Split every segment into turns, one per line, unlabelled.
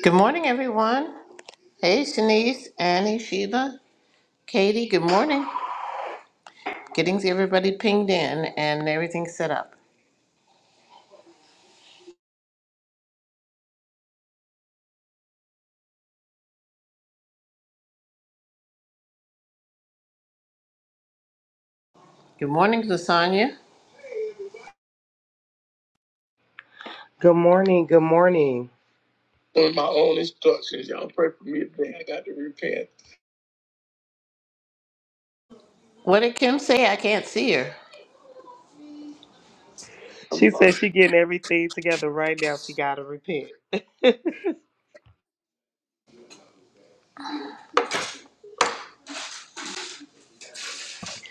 Good morning, everyone. Hey, Shanice, Annie, Sheila, Katie, good morning. Getting everybody pinged in and everything set up. Good morning, Lasagna.
Good morning. Good morning. on my own instructions. Y'all pray for me today. I got to repent.
What did Kim say? I can't see her.
I'm She said sorry. she getting everything together right now. She gotta repent.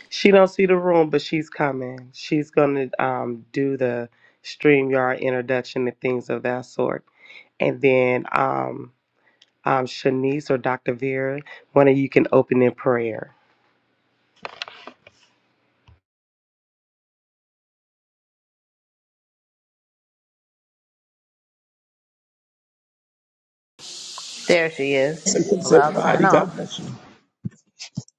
she don't see the room, but she's coming. She's gonna um do the StreamYard introduction and things of that sort. And then um um Shanice or Dr. Vera, one of you can open in prayer.
There she is.
Grace and peace,
Well, I'll sign
everybody. God
off.
bless you.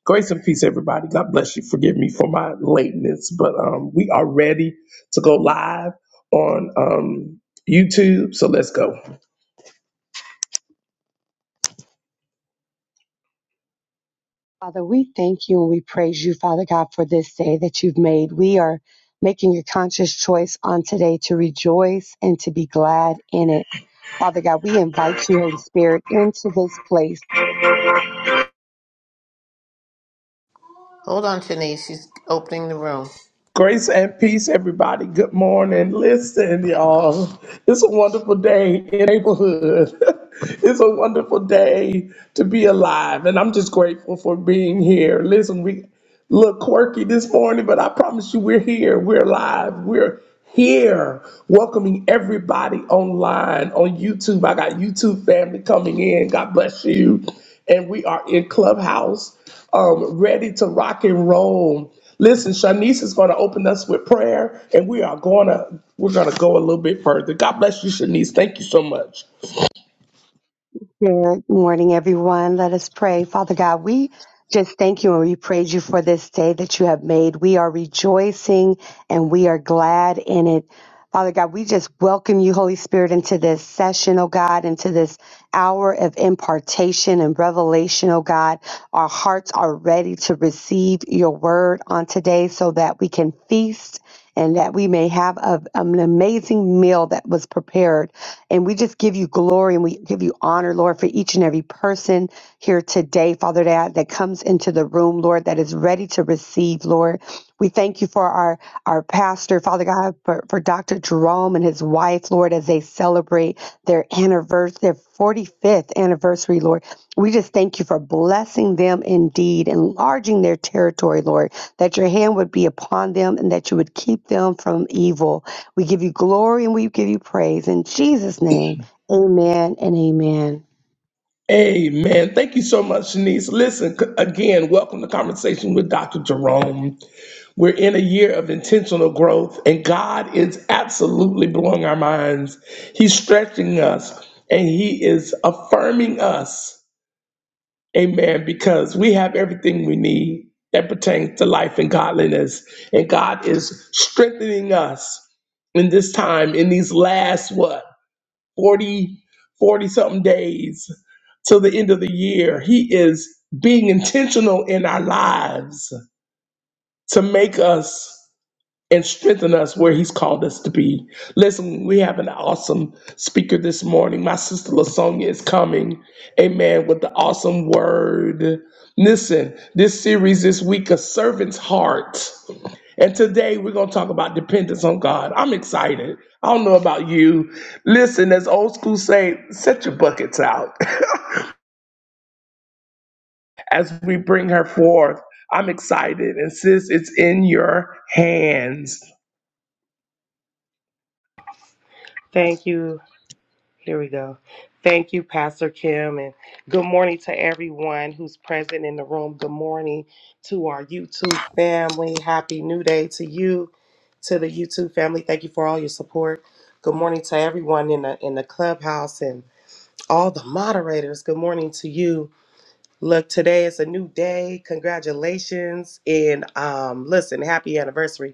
Grace and peace, everybody. God bless you. Forgive me for my lateness, but um, we are ready to go live on um, YouTube. So let's go.
Father, we thank you and we praise you, Father God, for this day that you've made. We are making a conscious choice on today to rejoice and to be glad in it. Father God, we invite you, Holy Spirit, into this place.
Hold on, Shanice. She's opening the room.
Grace and peace, everybody. Good morning. Listen, y'all. It's a wonderful day in the neighborhood. it's a wonderful day to be alive, and I'm just grateful for being here. Listen, we look quirky this morning, but I promise you, we're here. We're alive. We're here welcoming everybody online on YouTube. I got YouTube family coming in. God bless you. And we are in Clubhouse, um, ready to rock and roll. Listen, Shanice is going to open us with prayer, and we are going to we're going to go a little bit further. God bless you, Shanice. Thank you so much.
Good morning, everyone. Let us pray. Father God, we just thank you and we praise you for this day that you have made. We are rejoicing and we are glad in it. Father God, we just welcome you, Holy Spirit, into this session, oh God, into this hour of impartation and revelation, oh God. Our hearts are ready to receive your word on today so that we can feast and that we may have a, an amazing meal that was prepared. And we just give you glory and we give you honor, Lord, for each and every person here today, Father, that, that comes into the room, Lord, that is ready to receive, Lord. We thank you for our, our pastor, Father God, for, for Dr. Jerome and his wife, Lord, as they celebrate their anniversary, their 45th anniversary, Lord. We just thank you for blessing them indeed, enlarging their territory, Lord that your hand would be upon them and that you would keep them from evil. We give you glory and we give you praise. In Jesus' name, amen and amen.
Amen. Thank you so much, Shanice. Listen c- again. Welcome to Conversation with Dr. Jerome. We're in a year of intentional growth, and God is absolutely blowing our minds. He's stretching us and He is affirming us. Amen. Because we have everything we need that pertains to life and godliness. And God is strengthening us in this time, in these last, what, forty, forty something days till the end of the year. He is being intentional in our lives to make us and strengthen us where He's called us to be. Listen, we have an awesome speaker this morning. My sister Lasonia is coming, amen, with the awesome word. Listen, this series this week, A Servant's Heart. And today we're going to talk about dependence on God. I'm excited. I don't know about you. Listen, as old school say, set your buckets out as we bring her forth. I'm excited. And sis, it's in your hands.
Thank you. Here we go. Thank you, Pastor Kim, and good morning to everyone who's present in the room. Good morning to our YouTube family. Happy New Day to you, to the YouTube family. Thank you for all your support. Good morning to everyone in the in the clubhouse and all the moderators. Good morning to you. Look, today is a new day. Congratulations and um listen, happy anniversary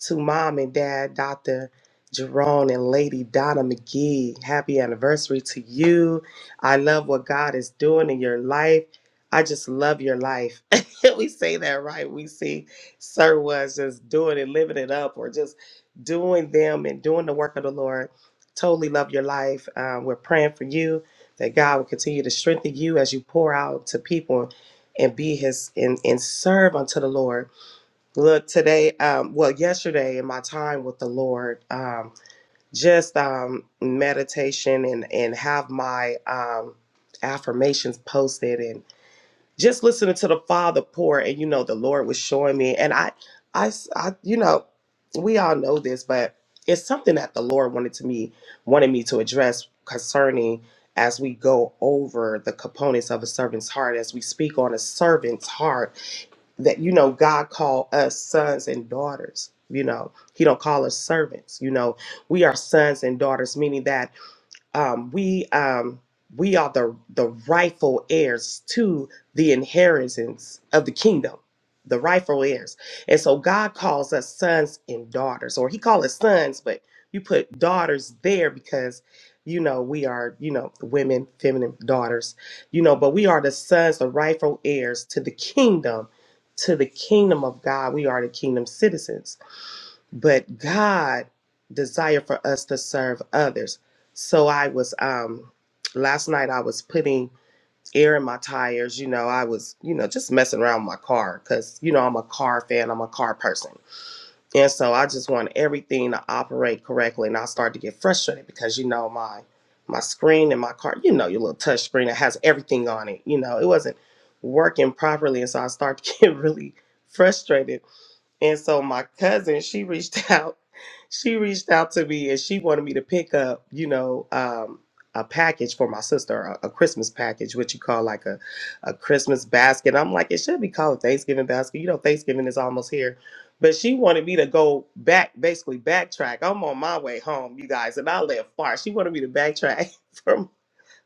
to mom and dad, Dr. Jerome and Lady Donna McGee. Happy anniversary to you. I love what God is doing in your life. I just love your life. we say that, right? We see Sir was just doing it, living it up, or just doing them and doing the work of the Lord. Totally love your life. Um, we're praying for you that God will continue to strengthen you as you pour out to people and be his and, and serve unto the Lord. Look, today, um, well, yesterday in my time with the Lord, um, just um, meditation and and have my um, affirmations posted and just listening to the Father pour, and you know, the Lord was showing me, and I, I, s- I- you know, we all know this, but it's something that the Lord wanted to me wanted me to address concerning as we go over the components of a servant's heart, as we speak on a servant's heart that you know God called us sons and daughters. You know, He don't call us servants. You know, we are sons and daughters, meaning that um, we um, we are the the rightful heirs to the inheritance of the kingdom, the rightful heirs. And so God calls us sons and daughters, or He calls us sons, but you put daughters there because you know we are you know women, feminine daughters, you know, but we are the sons, the rightful heirs to the kingdom, to the kingdom of God. We are the kingdom citizens but God desire for us to serve others. So I was um last night I was putting air in my tires, you know, I was, you know, just messing around with my car cuz you know I'm a car fan, I'm a car person. And so I just want everything to operate correctly and I started to get frustrated because you know my my screen in my car, you know, your little touch screen that has everything on it, you know, it wasn't working properly and so I started to get really frustrated and so my cousin, she reached out, she reached out to me and she wanted me to pick up, you know, um, a package for my sister, a, a Christmas package, what you call like a, a Christmas basket. I'm like, it should be called a Thanksgiving basket. You know, Thanksgiving is almost here. But she wanted me to go back, basically backtrack. I'm on my way home, you guys, and I live far. She wanted me to backtrack from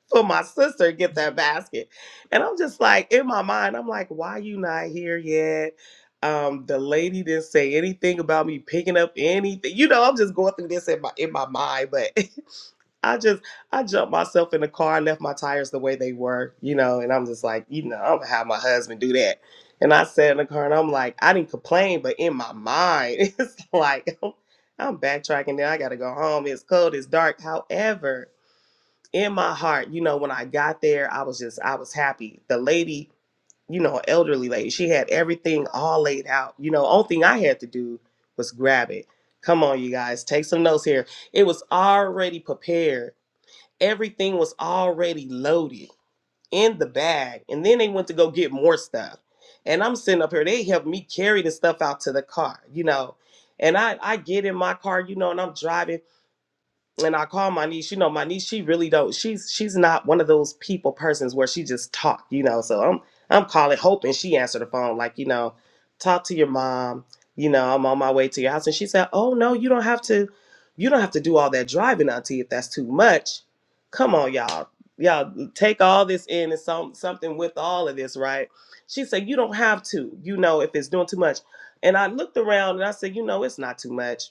for my sister to get that basket. And I'm just like, in my mind, I'm like, why you not here yet? Um, the lady didn't say anything about me picking up anything. You know, I'm just going through this in my in my mind, but I just I jumped myself in the car, left my tires the way they were, you know, and I'm just like, you know, I'm gonna have my husband do that. And I sat in the car and I'm like, I didn't complain, but in my mind, it's like I'm, I'm backtracking now. I gotta go home. It's cold, it's dark. However, in my heart, you know, when I got there, I was just, I was happy. The lady, you know, elderly lady, she had everything all laid out. You know, only thing I had to do was grab it. Come on, you guys, take some notes here. It was already prepared, everything was already loaded in the bag. And then they went to go get more stuff. And I'm sitting up here, they helped me carry the stuff out to the car, you know. And I, I get in my car, you know, and I'm driving and I call my niece, you know, my niece, she really don't, she's she's not one of those people persons where she just talk, you know. So I'm I'm calling hoping she answered the phone, like, you know, talk to your mom, you know, I'm on my way to your house. And she said, Oh no, you don't have to you don't have to do all that driving, Auntie, if that's too much. Come on, y'all. Y'all take all this in and some something with all of this, right? She said, You don't have to, you know, if it's doing too much. And I looked around and I said, you know, it's not too much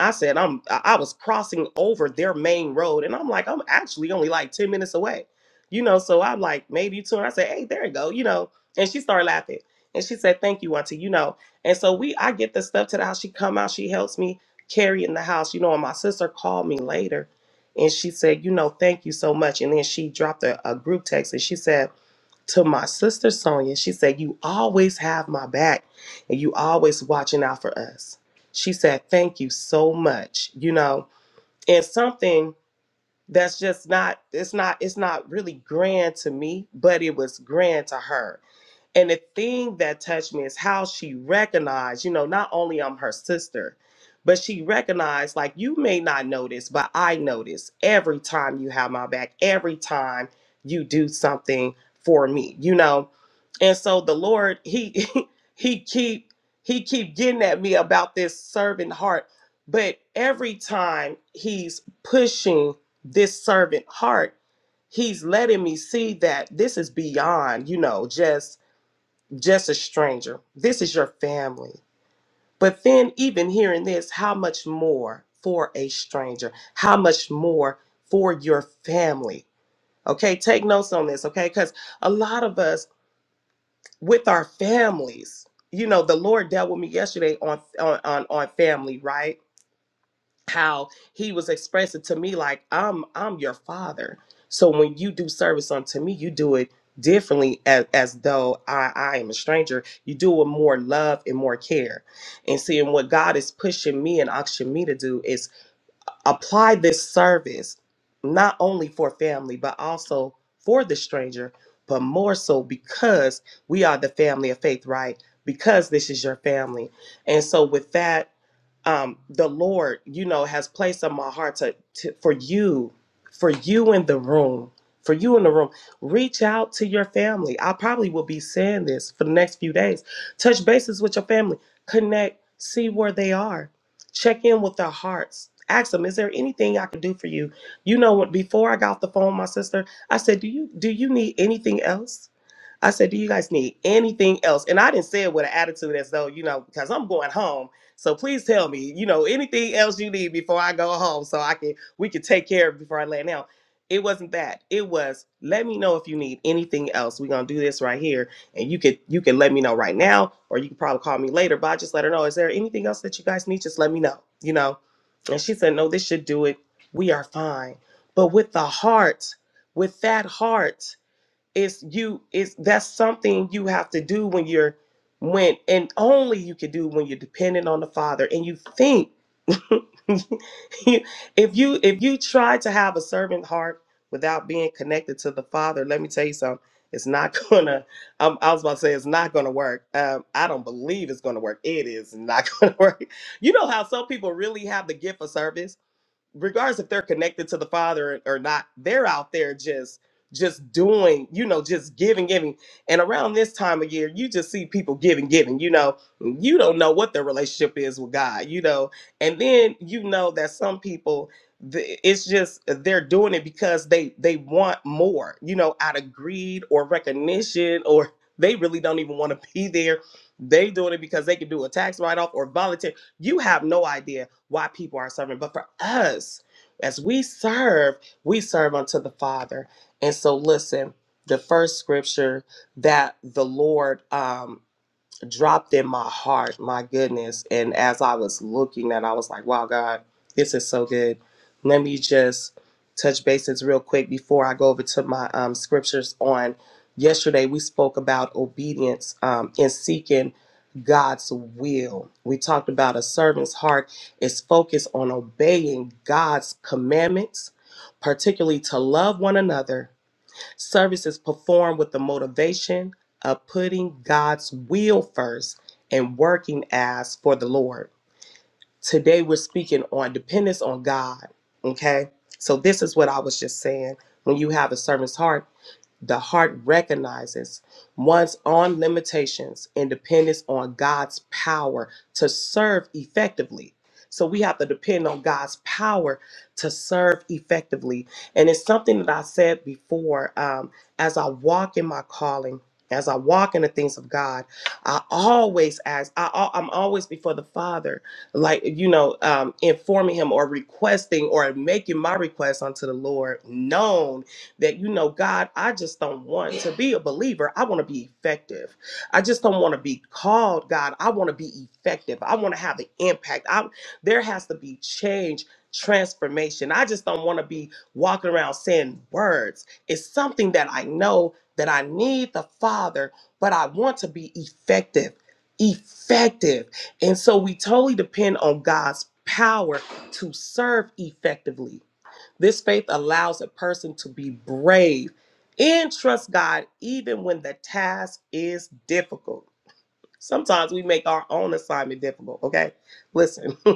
I said I'm I I was crossing over their main road and I'm like, I'm actually only like 10 minutes away. You know, so I'm like, maybe you And I said, Hey, there you go, you know. And she started laughing. And she said, Thank you, Auntie, you know. And so we I get the stuff to the house. She come out, she helps me carry it in the house, you know, and my sister called me later and she said, you know, thank you so much. And then she dropped a, a group text and she said, to my sister Sonia, she said, You always have my back and you always watching out for us. She said, Thank you so much. You know, and something that's just not, it's not, it's not really grand to me, but it was grand to her and the thing that touched me is how she recognized, you know, not only I'm her sister, but she recognized, like, you may not notice, but I notice every time you have my back, every time you do something for me, you know? And so the Lord, he he keep he keep getting at me about this servant heart. But every time he's pushing this servant heart, he's letting me see that this is beyond, you know, just just a stranger. This is your family. But then, even hearing this, how much more for a stranger? How much more for your family? Okay, take notes on this, okay? Because a lot of us with our families, you know, the Lord dealt with me yesterday on on on, on family, right? how he was expressing to me like i'm i'm your father so when you do service unto me you do it differently as, as though i i am a stranger you do it with more love and more care and seeing what god is pushing me and auction me to do is apply this service not only for family but also for the stranger but more so because we are the family of faith right because this is your family and so with that um, the Lord, you know, has placed on my heart to, to for you, for you in the room, for you in the room, reach out to your family. I probably will be saying this for the next few days. Touch bases with your family, connect, see where they are, check in with their hearts. Ask them, is there anything I can do for you? You know what? Before I got off the phone, with my sister, I said, do you do you need anything else? I said, Do you guys need anything else? And I didn't say it with an attitude as though, you know, because I'm going home. So please tell me, you know, anything else you need before I go home so I can we can take care of it before I lay down. It wasn't that. It was let me know if you need anything else. We're gonna do this right here. And you could you can let me know right now, or you can probably call me later, but I just let her know, is there anything else that you guys need? Just let me know, you know. And she said, No, this should do it. We are fine. But with the heart, with that heart, it's you it's that's something you have to do when you're when and only you can do when you're dependent on the father and you think if you if you try to have a servant heart without being connected to the father let me tell you something it's not gonna um, i was about to say it's not gonna work um, i don't believe it's gonna work it is not gonna work you know how some people really have the gift of service regardless if they're connected to the father or not they're out there just just doing you know just giving giving and around this time of year you just see people giving giving you know you don't know what their relationship is with god you know and then you know that some people th- it's just they're doing it because they they want more you know out of greed or recognition or they really don't even want to be there they doing it because they can do a tax write-off or volunteer you have no idea why people are serving. But for us, as we serve, we serve unto the Father. And so, listen, the first scripture that the Lord, um, dropped in my heart, my goodness. And as I was looking at, it, I was like, wow, God, this is so good. Let me just touch bases real quick before I go over to my um, scriptures on yesterday. We spoke about obedience um, and seeking God's will. We talked about a servant's heart is focused on obeying God's commandments, particularly to love one another Service is performed with the motivation of putting God's will first and working as for the Lord. Today we're speaking on dependence on God. Okay. So this is what I was just saying. When you have a servant's heart, the heart recognizes one's own limitations and dependence on God's power to serve effectively. So we have to depend on God's power to serve effectively. And it's something that I said before um, as I walk in my calling, as I walk in the things of God, I always ask, I, al- I'm always before the Father, like, you know, um, informing Him or requesting or making my request unto the Lord known that, you know, God, I just don't want to be a believer. I want to be effective. I just don't want to be called, God. I want to be effective. I want to have an impact. I, there has to be change, transformation. I just don't want to be walking around saying words. It's something that I know that I need the Father, but I want to be effective. Effective. And so we totally depend on God's power to serve effectively. This faith allows a person to be brave and trust God even when the task is difficult. Sometimes we make our own assignment difficult, okay? Listen,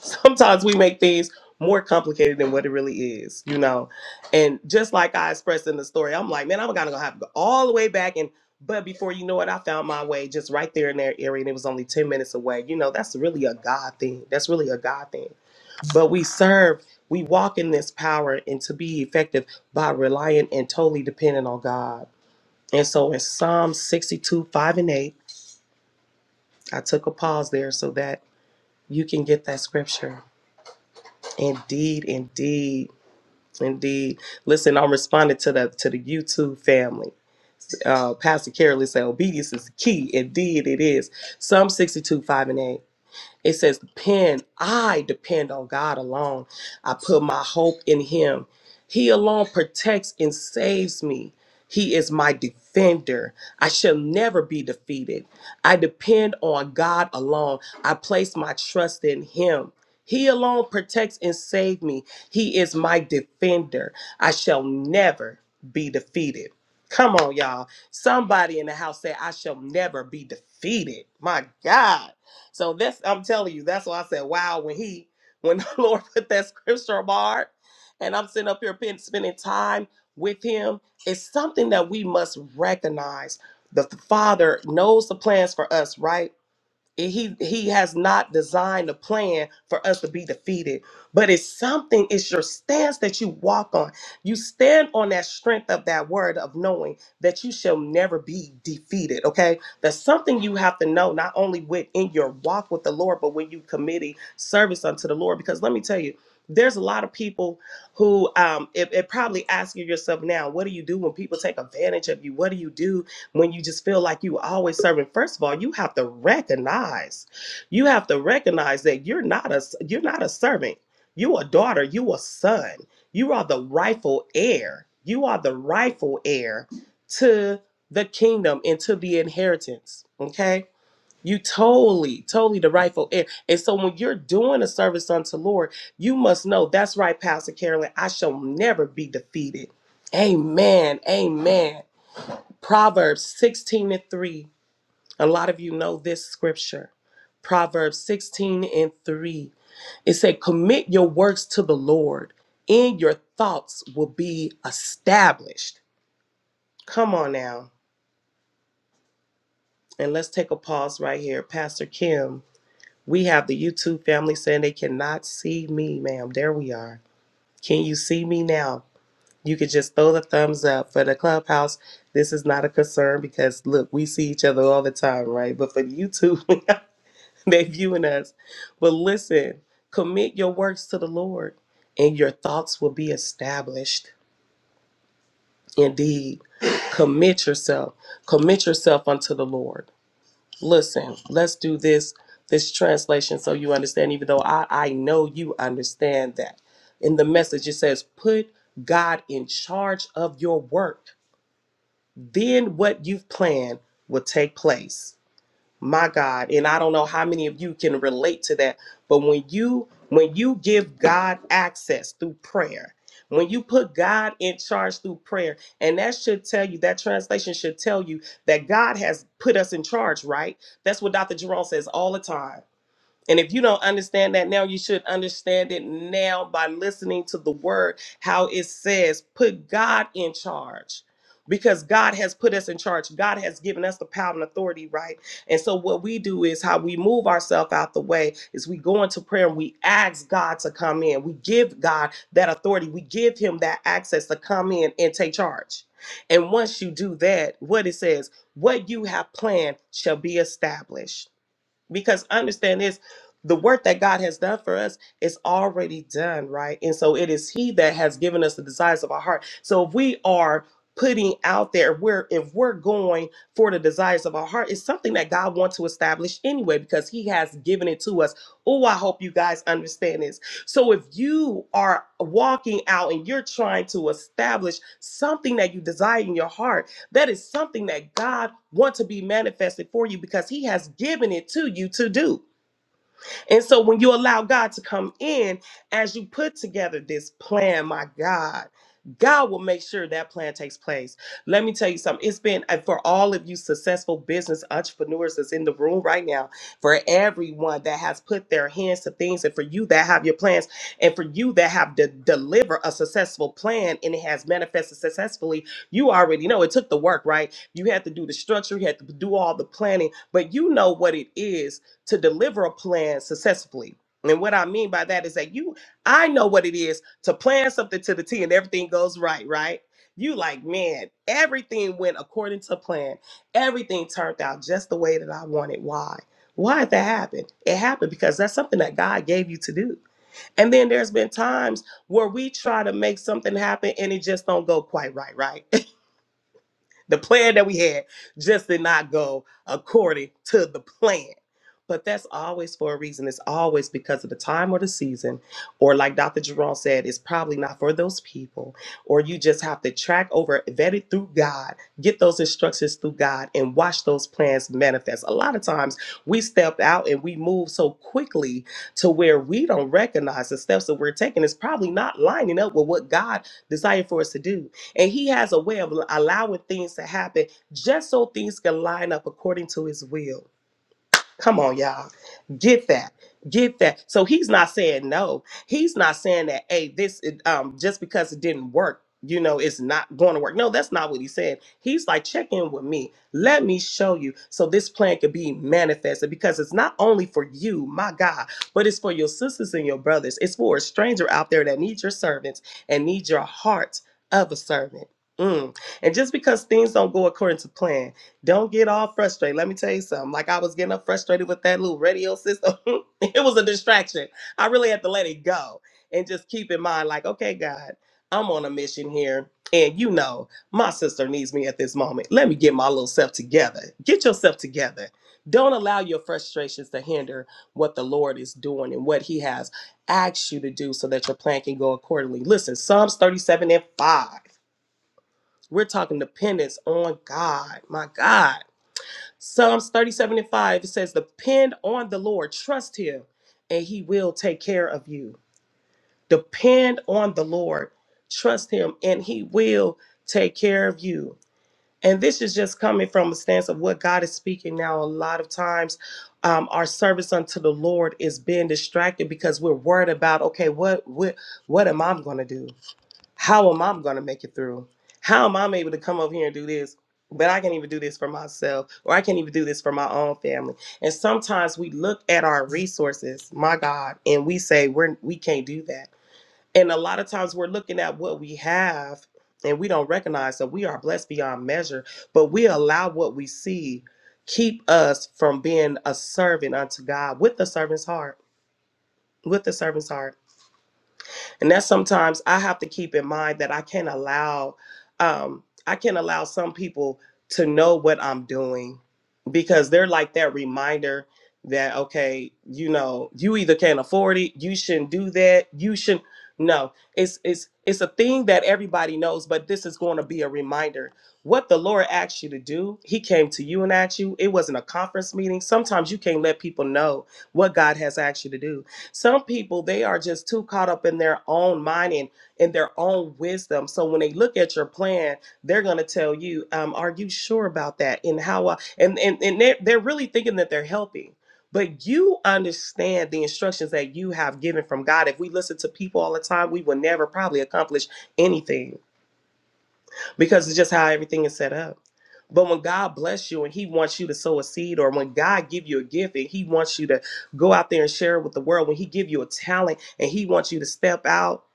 sometimes we make things more complicated than what it really is, you know. And just like I expressed in the story, I'm like, man, I'm gonna have to go all the way back and but before you know it, I found my way just right there in that area and it was only 10 minutes away. You know, that's really a God thing. That's really a God thing. But we serve, we walk in this power and to be effective by relying and totally dependent on God. And so in Psalm 62, 5 and 8, I took a pause there so that you can get that scripture. Indeed, indeed, indeed. Listen, I'm responding to the to the YouTube family. Uh, Pastor Carolyn said, "Obedience is the key." Indeed, it is. Psalm 62, 5 and 8. It says, Depend, I depend on God alone. I put my hope in Him. He alone protects and saves me. He is my defender. I shall never be defeated. I depend on God alone. I place my trust in Him. He alone protects and saves me. He is my defender. I shall never be defeated. Come on, y'all. Somebody in the house said, I shall never be defeated. My God. So that's I'm telling you, that's why I said, wow, when he when the Lord put that scripture apart and I'm sitting up here pen- spending time with him, it's something that we must recognize. The Father knows the plans for us, right? And he he has not designed a plan for us to be defeated but it's something it's your stance that you walk on you stand on that strength of that word of knowing that you shall never be defeated okay that's something you have to know not only within your walk with the lord but when you committing service unto the lord because let me tell you there's a lot of people who um it, it probably asking yourself now what do you do when people take advantage of you what do you do when you just feel like you always serving first of all you have to recognize you have to recognize that you're not a you're not a servant you a daughter you a son you are the rightful heir you are the rightful heir to the kingdom and to the inheritance okay you totally totally the rightful heir and so when you're doing a service unto lord you must know that's right pastor carolyn i shall never be defeated amen amen Proverbs 16 and 3. A lot of you know this scripture. Proverbs 16 and 3. It said, Commit your works to the Lord, and your thoughts will be established. Come on now. And let's take a pause right here. Pastor Kim, we have the YouTube family saying they cannot see me, ma'am. There we are. Can you see me now? you could just throw the thumbs up for the clubhouse this is not a concern because look we see each other all the time right but for youtube they are viewing us but listen commit your works to the lord and your thoughts will be established indeed commit yourself commit yourself unto the lord listen let's do this this translation so you understand even though i i know you understand that in the message it says put god in charge of your work then what you've planned will take place my god and i don't know how many of you can relate to that but when you when you give god access through prayer when you put god in charge through prayer and that should tell you that translation should tell you that god has put us in charge right that's what dr jerome says all the time and if you don't understand that now, you should understand it now by listening to the word, how it says, put God in charge. Because God has put us in charge. God has given us the power and authority, right? And so, what we do is how we move ourselves out the way is we go into prayer and we ask God to come in. We give God that authority. We give Him that access to come in and take charge. And once you do that, what it says, what you have planned shall be established. Because understand this the work that God has done for us is already done, right? And so it is He that has given us the desires of our heart. So if we are putting out there we're if we're going for the desires of our heart it's something that god wants to establish anyway because he has given it to us oh i hope you guys understand this so if you are walking out and you're trying to establish something that you desire in your heart that is something that God wants to be manifested for you because He has given it to you to do. And so when you allow God to come in as you put together this plan, my God, God will make sure that plan takes place. Let me tell you something. It's been uh, for all of you successful business entrepreneurs that's in the room right now, for everyone that has put their hands to things, and for you that have your plans, and for you that have to deliver a successful plan and it has manifested successfully. You already know it took the work, right? You had to do the structure, you had to do all the planning, but you know what it is to deliver a plan successfully. And what I mean by that is that you, I know what it is to plan something to the T and everything goes right, right? You like, man, everything went according to plan. Everything turned out just the way that I wanted. Why? Why did that happen? It happened because that's something that God gave you to do. And then there's been times where we try to make something happen and it just don't go quite right, right? the plan that we had just did not go according to the plan. But that's always for a reason. It's always because of the time or the season, or like Dr. Jerome said, it's probably not for those people. Or you just have to track over, vet it through God, get those instructions through God, and watch those plans manifest. A lot of times we step out and we move so quickly to where we don't recognize the steps that we're taking is probably not lining up with what God desired for us to do. And he has a way of allowing things to happen just so things can line up according to his will. Come on, y'all. Get that. Get that. So he's not saying no. He's not saying that, hey, this it, um just because it didn't work, you know, it's not going to work. No, that's not what he said. He's like, check in with me. Let me show you so this plan could be manifested because it's not only for you, my God, but it's for your sisters and your brothers. It's for a stranger out there that needs your servants and needs your heart of a servant. Mm. And just because things don't go according to plan, don't get all frustrated. Let me tell you something. Like I was getting up frustrated with that little radio system. it was a distraction. I really had to let it go and just keep in mind, like, okay, God, I'm on a mission here. And you know, my sister needs me at this moment. Let me get my little self together. Get yourself together. Don't allow your frustrations to hinder what the Lord is doing and what He has asked you to do so that your plan can go accordingly. Listen, Psalms 37 and 5. We're talking dependence on God. My God. Psalms 37 and 5, it says, Depend on the Lord, trust him, and he will take care of you. Depend on the Lord, trust him, and he will take care of you. And this is just coming from a stance of what God is speaking now. A lot of times, um, our service unto the Lord is being distracted because we're worried about, okay, what what what am I going to do? How am I going to make it through? How am I able to come over here and do this? But I can't even do this for myself, or I can't even do this for my own family. And sometimes we look at our resources, my God, and we say we're we can't do that. And a lot of times we're looking at what we have, and we don't recognize that we are blessed beyond measure. But we allow what we see keep us from being a servant unto God with the servant's heart. With the servant's heart and that's sometimes i have to keep in mind that i can't allow um i can't allow some people to know what i'm doing because they're like that reminder that okay you know you either can't afford it you shouldn't do that you shouldn't no it's it's it's a thing that everybody knows but this is going to be a reminder what the lord asked you to do he came to you and asked you it wasn't a conference meeting sometimes you can't let people know what god has asked you to do some people, they are just too caught up in their own mind and in their own wisdom. So when they look at your plan, they're going to tell you, um, are you sure about that? And how, uh, and, and, and they're, they're really thinking that they're helping. But you understand the instructions that you have given from God. If we listen to people all the time, we will never probably accomplish anything because it's just how everything is set up. But when God bless you and He wants you to sow a seed, or when God give you a gift and He wants you to go out there and share it with the world, when He give you a talent and He wants you to step out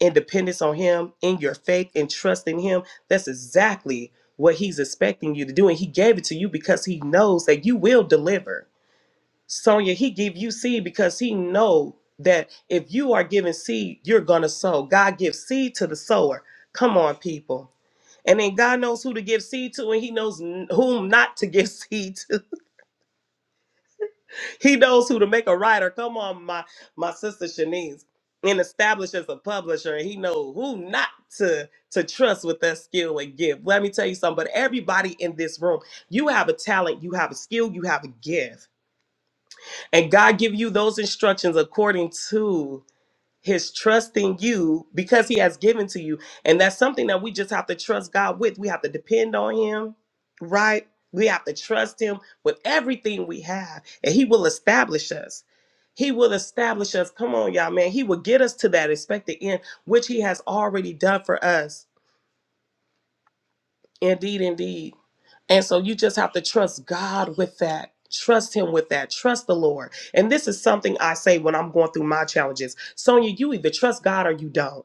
in dependence on Him, in your faith and trust in Him, that's exactly what He's expecting you to do. And He gave it to you because He knows that you will deliver. Sonia, He give you seed because He know that if you are giving seed, you're gonna sow. God gives seed to the sower. Come on, people. And then God knows who to give seed to, and He knows n- whom not to give seed to. He knows who to make a writer. Come on, my my sister Shanice, and establish as a publisher. He knows who not to to trust with that skill and gift. Well, Let me tell you something. But everybody in this room, you have a talent, you have a skill, you have a gift, and God give you those instructions according to. his trust in you because he has given to you. And that's something that we just have to trust God with. We have to depend on him, right? We have to trust him with everything we have, and he will establish us. He will establish us. Come on, y'all, man. He will get us to that expected end, which he has already done for us. Indeed, indeed. And so you just have to trust God with that. Trust him with that. Trust the Lord. And this is something I say when I'm going through my challenges. Sonia, you either trust God or you don't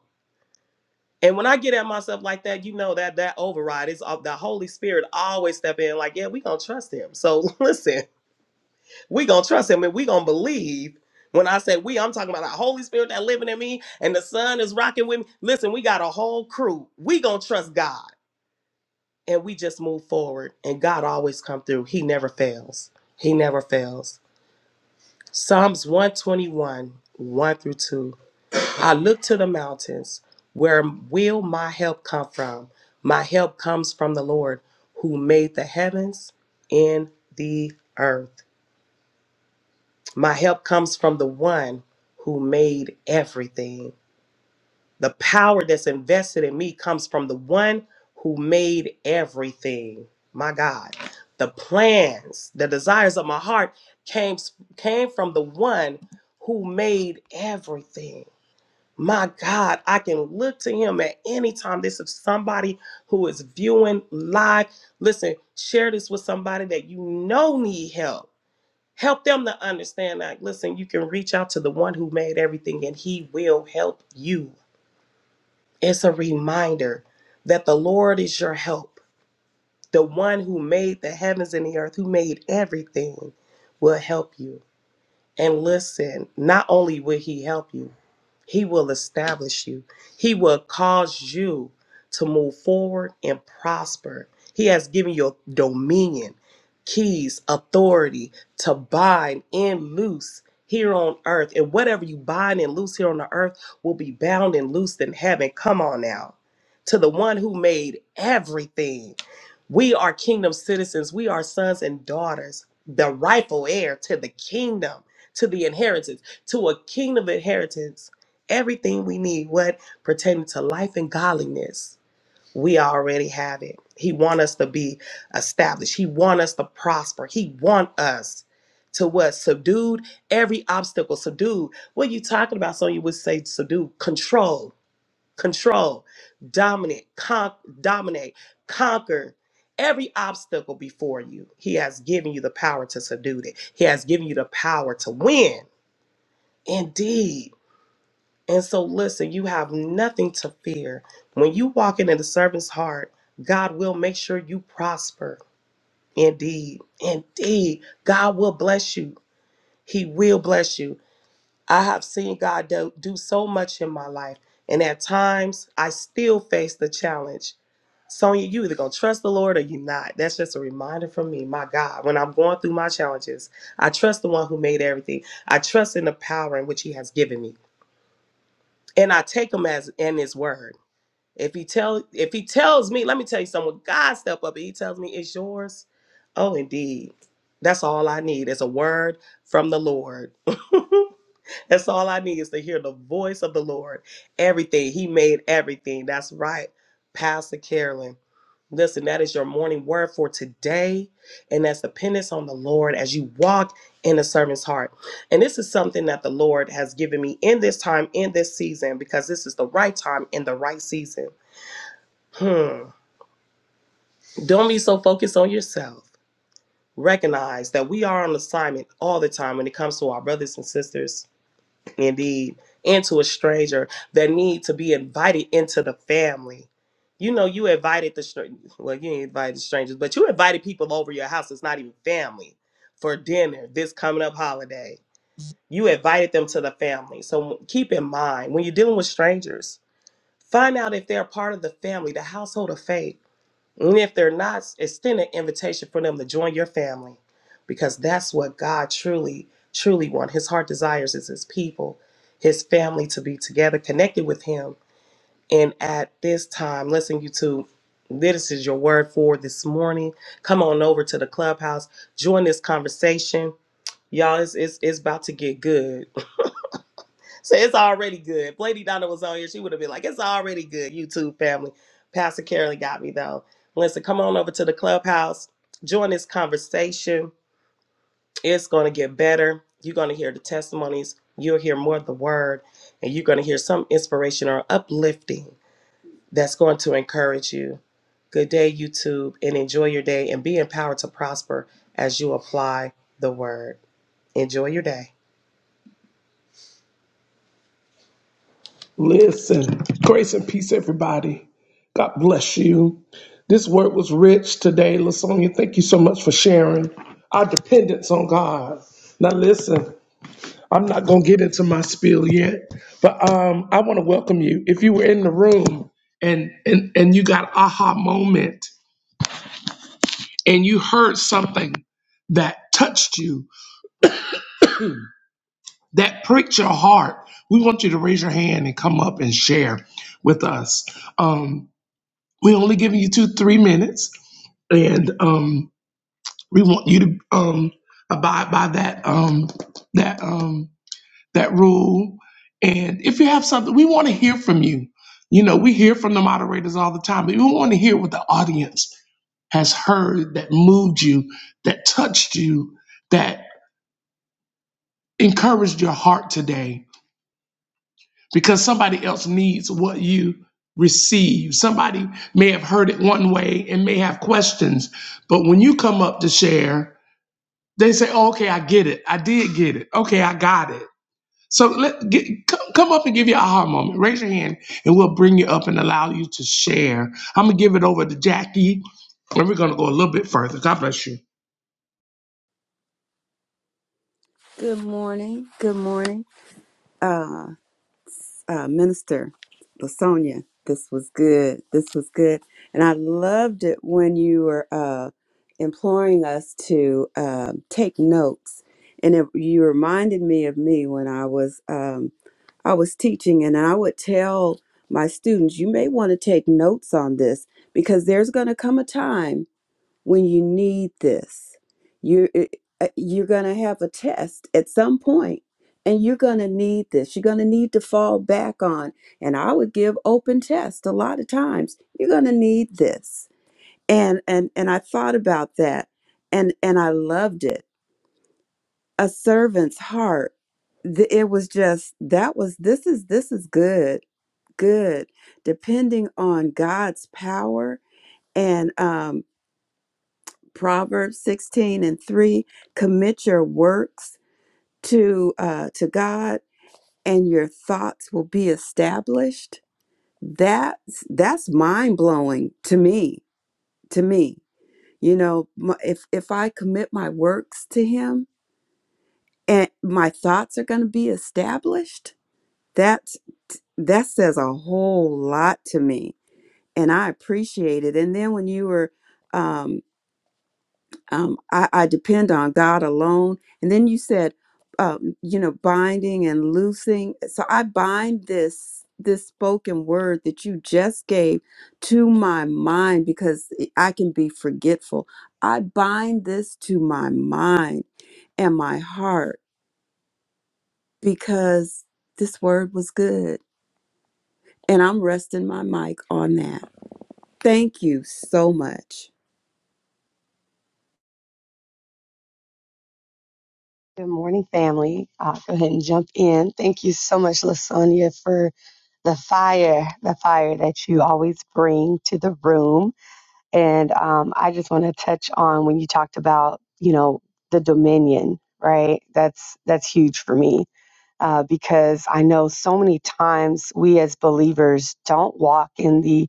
And when I get at myself like that, you know that that override is of the Holy Spirit always step in like, yeah, we gonna trust him. So listen, we gonna trust him and we gonna believe. When I say we, I'm talking about the Holy Spirit that living in me and the Son is rocking with me. Listen, we got a whole crew. We gonna trust God and we just move forward. And God always come through. He never fails. He never fails. Psalms 121, 1 through 2. I look to the mountains. Where will my help come from? My help comes from the Lord who made the heavens and the earth. My help comes from the one who made everything. The power that's invested in me comes from the one who made everything. My God. The plans, the desires of my heart came, came from the one who made everything. My God, I can look to him at any time. This is somebody who is viewing live. Listen, share this with somebody that you know need help. Help them to understand that. Listen, you can reach out to the one who made everything and he will help you. It's a reminder that the Lord is your help. The one who made the heavens and the earth, who made everything, will help you. And listen, not only will he help you, he will establish you. He will cause you to move forward and prosper. He has given you dominion, keys, authority to bind and loose here on earth. And whatever you bind and loose here on the earth will be bound and loosed in heaven. Come on now. To the one who made everything. We are kingdom citizens. We are sons and daughters, the rightful heir to the kingdom to the inheritance, to a kingdom inheritance. Everything we need, what pertaining to life and godliness, we already have it. He want us to be established. He want us to prosper. He want us to what? Subdued every obstacle. Subdued. What you talking about? So you would say subdue, control, control, dominate, con- dominate, conquer every obstacle before you. He has given you the power to subdue it. He has given you the power to win. Indeed. And so, listen, you have nothing to fear. When you walk into the servant's heart, God will make sure you prosper. Indeed. Indeed. God will bless you. He will bless you. I have seen God do, do so much in my life. And at times, I still face the challenge. Sonia, you either gonna trust the Lord or you not. That's just a reminder from me. My God, when I'm going through my challenges, I trust the one who made everything. I trust in the power in which He has given me. and I take him as in his word. If he tell if he tells me, let me tell you something. When God step up and he tells me it's yours, oh indeed. That's all I need is a word from the Lord. That's all I need is to hear the voice of the Lord. Everything. He made everything. That's right. Pastor Carolyn. Listen, that is your morning word for today. And that's dependence on the Lord as you walk in the servant's heart. And this is something that the Lord has given me in this time, in this season, because this is the right time in the right season. Hmm. Don't be so focused on yourself. Recognize that we are on assignment all the time when it comes to our brothers and sisters indeed, and to a stranger that need to be invited into the family. You know, you invited the str- well, you ain't invited strangers, but you invited people over your house. It's not even family for dinner this coming up holiday. You invited them to the family. So keep in mind when you're dealing with strangers, find out if they're part of the family, the household of faith and if they're not, extend an invitation for them to join your family because that's what God truly, truly wants. His heart desires is his people, his family to be together, connected with him. And at this time, listen, you two, this is your word for this morning. Come on over to the clubhouse, join this conversation. Y'all, it's, it's, it's about to get good. So it's already good. If Lady Donna was on here, she would have been like, it's already good, YouTube family. Pastor Carolyn got me though. Listen, come on over to the clubhouse. Join this conversation. It's going to get better. You're going to hear the testimonies. You'll hear more of the word. And you're going to hear some inspiration or uplifting that's going to encourage you. Good day, YouTube, and enjoy your day and be empowered to prosper as you apply the word. Enjoy your day.
Listen, grace and peace, everybody. God bless you. This word was rich today, Lasonia. Thank you so much for sharing our dependence on God. Now, listen, I'm not going to get into my spiel yet, but um, I want to welcome you. If you were in the room and, and, and you got aha moment and you heard something that touched you, that pricked your heart, we want you to raise your hand and come up and share with us. Um, We only giving you two, three minutes, and um, we want you to um, abide by that um, that um, that rule. And if you have something, we want to hear from you. You know, we hear from the moderators all the time, but we want to hear what the audience has heard that moved you, that touched you, that encouraged your heart today because somebody else needs what you receive. Somebody may have heard it one way and may have questions, but when you come up to share, they say, oh, "Okay, I get it. I did get it. Okay, I got it." So let get, come, come up and give your aha moment. Raise your hand, and we'll bring you up and allow you to share. I'm gonna give it over to Jackie, and we're gonna go a little bit further. God bless you.
Good morning. Good morning. Uh, uh, Minister Lasonia, this was good. This was good. And I loved it when you were uh, imploring us to uh, take notes. And it, you reminded me of me when I was um, I was teaching, and I would tell my students, you may want to take notes on this because there's going to come a time when you need this. You're uh, you're gonna have a test at some point, and you're gonna need this. You're gonna need to fall back on. And I would give open test a lot of times. You're gonna need this. And and and I thought about that, and and I loved it. A servant's heart. Th- It was just that was this is this is good good. Depending on God's power and um Proverbs 16 and 3 commit your works to uh, to God and your thoughts will be established. That's that's mind-blowing to me, to me. You know, my, if if I commit my works to him and my thoughts are going to be established, that that says a whole lot to me and I appreciate it. And then when you were um. um, I, I depend on God alone. And then you said, um, you know, binding and loosing. So I bind this this spoken word that you just gave to my mind because I can be forgetful. I bind this to my mind and my heart because this word was good. And I'm resting my mic on that. Thank you so much.
Good morning, family. Uh, go ahead and jump in. Thank you so much, Lasonia, for the fire, the fire that you always bring to the room. And um, I just want to touch on when you talked about, you know, the dominion, right? That's that's huge for me uh, because I know so many times we as believers don't walk in the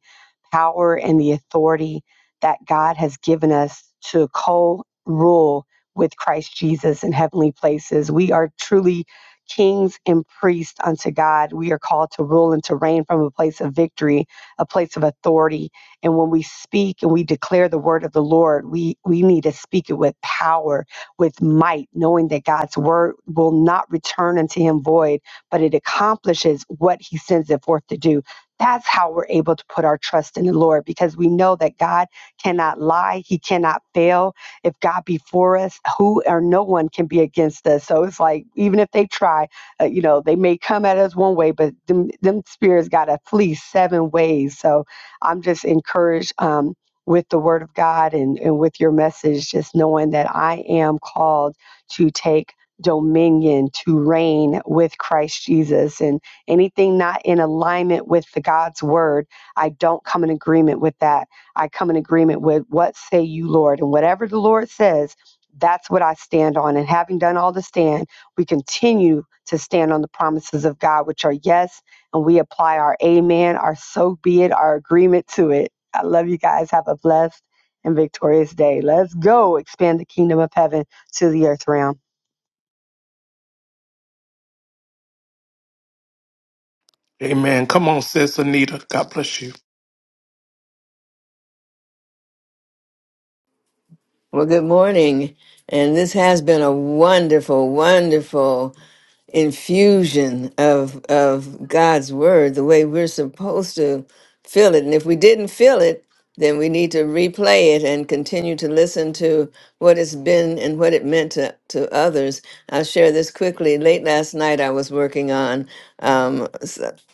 power and the authority that God has given us to co rule with Christ Jesus in heavenly places. We are truly kings and priests unto God. We are called to rule and to reign from a place of victory, a place of authority. And when we speak and we declare the word of the Lord, we, we need to speak it with power with might, knowing that God's word will not return unto him void, but it accomplishes what he sends it forth to do. That's how we're able to put our trust in the Lord because we know that God cannot lie. He cannot fail. If God be for us, who or no one can be against us. So it's like, even if they try, uh, you know, they may come at us one way, but them, them spirits got to flee seven ways. So I'm just encouraged. Um, with the word of God and, and with your message, just knowing that I am called to take dominion, to reign with Christ Jesus. And anything not in alignment with the God's word, I don't come in agreement with that. I come in agreement with what say you, Lord. And whatever the Lord says, that's what I stand on. And having done all to stand, we continue to stand on the promises of God, which are yes, and we apply our amen, our so be it, our agreement to it. I love you guys. Have a blessed and victorious day. Let's go expand the kingdom of heaven to the earth realm.
Amen. Come on, sis Anita. God bless you.
Well, good morning. And this has been a wonderful, wonderful infusion of of God's word, the way we're supposed to feel it. And if we didn't feel it, then we need to replay it and continue to listen to what it's been and what it meant to, to others. I'll share this quickly. Late last night, I was working on um,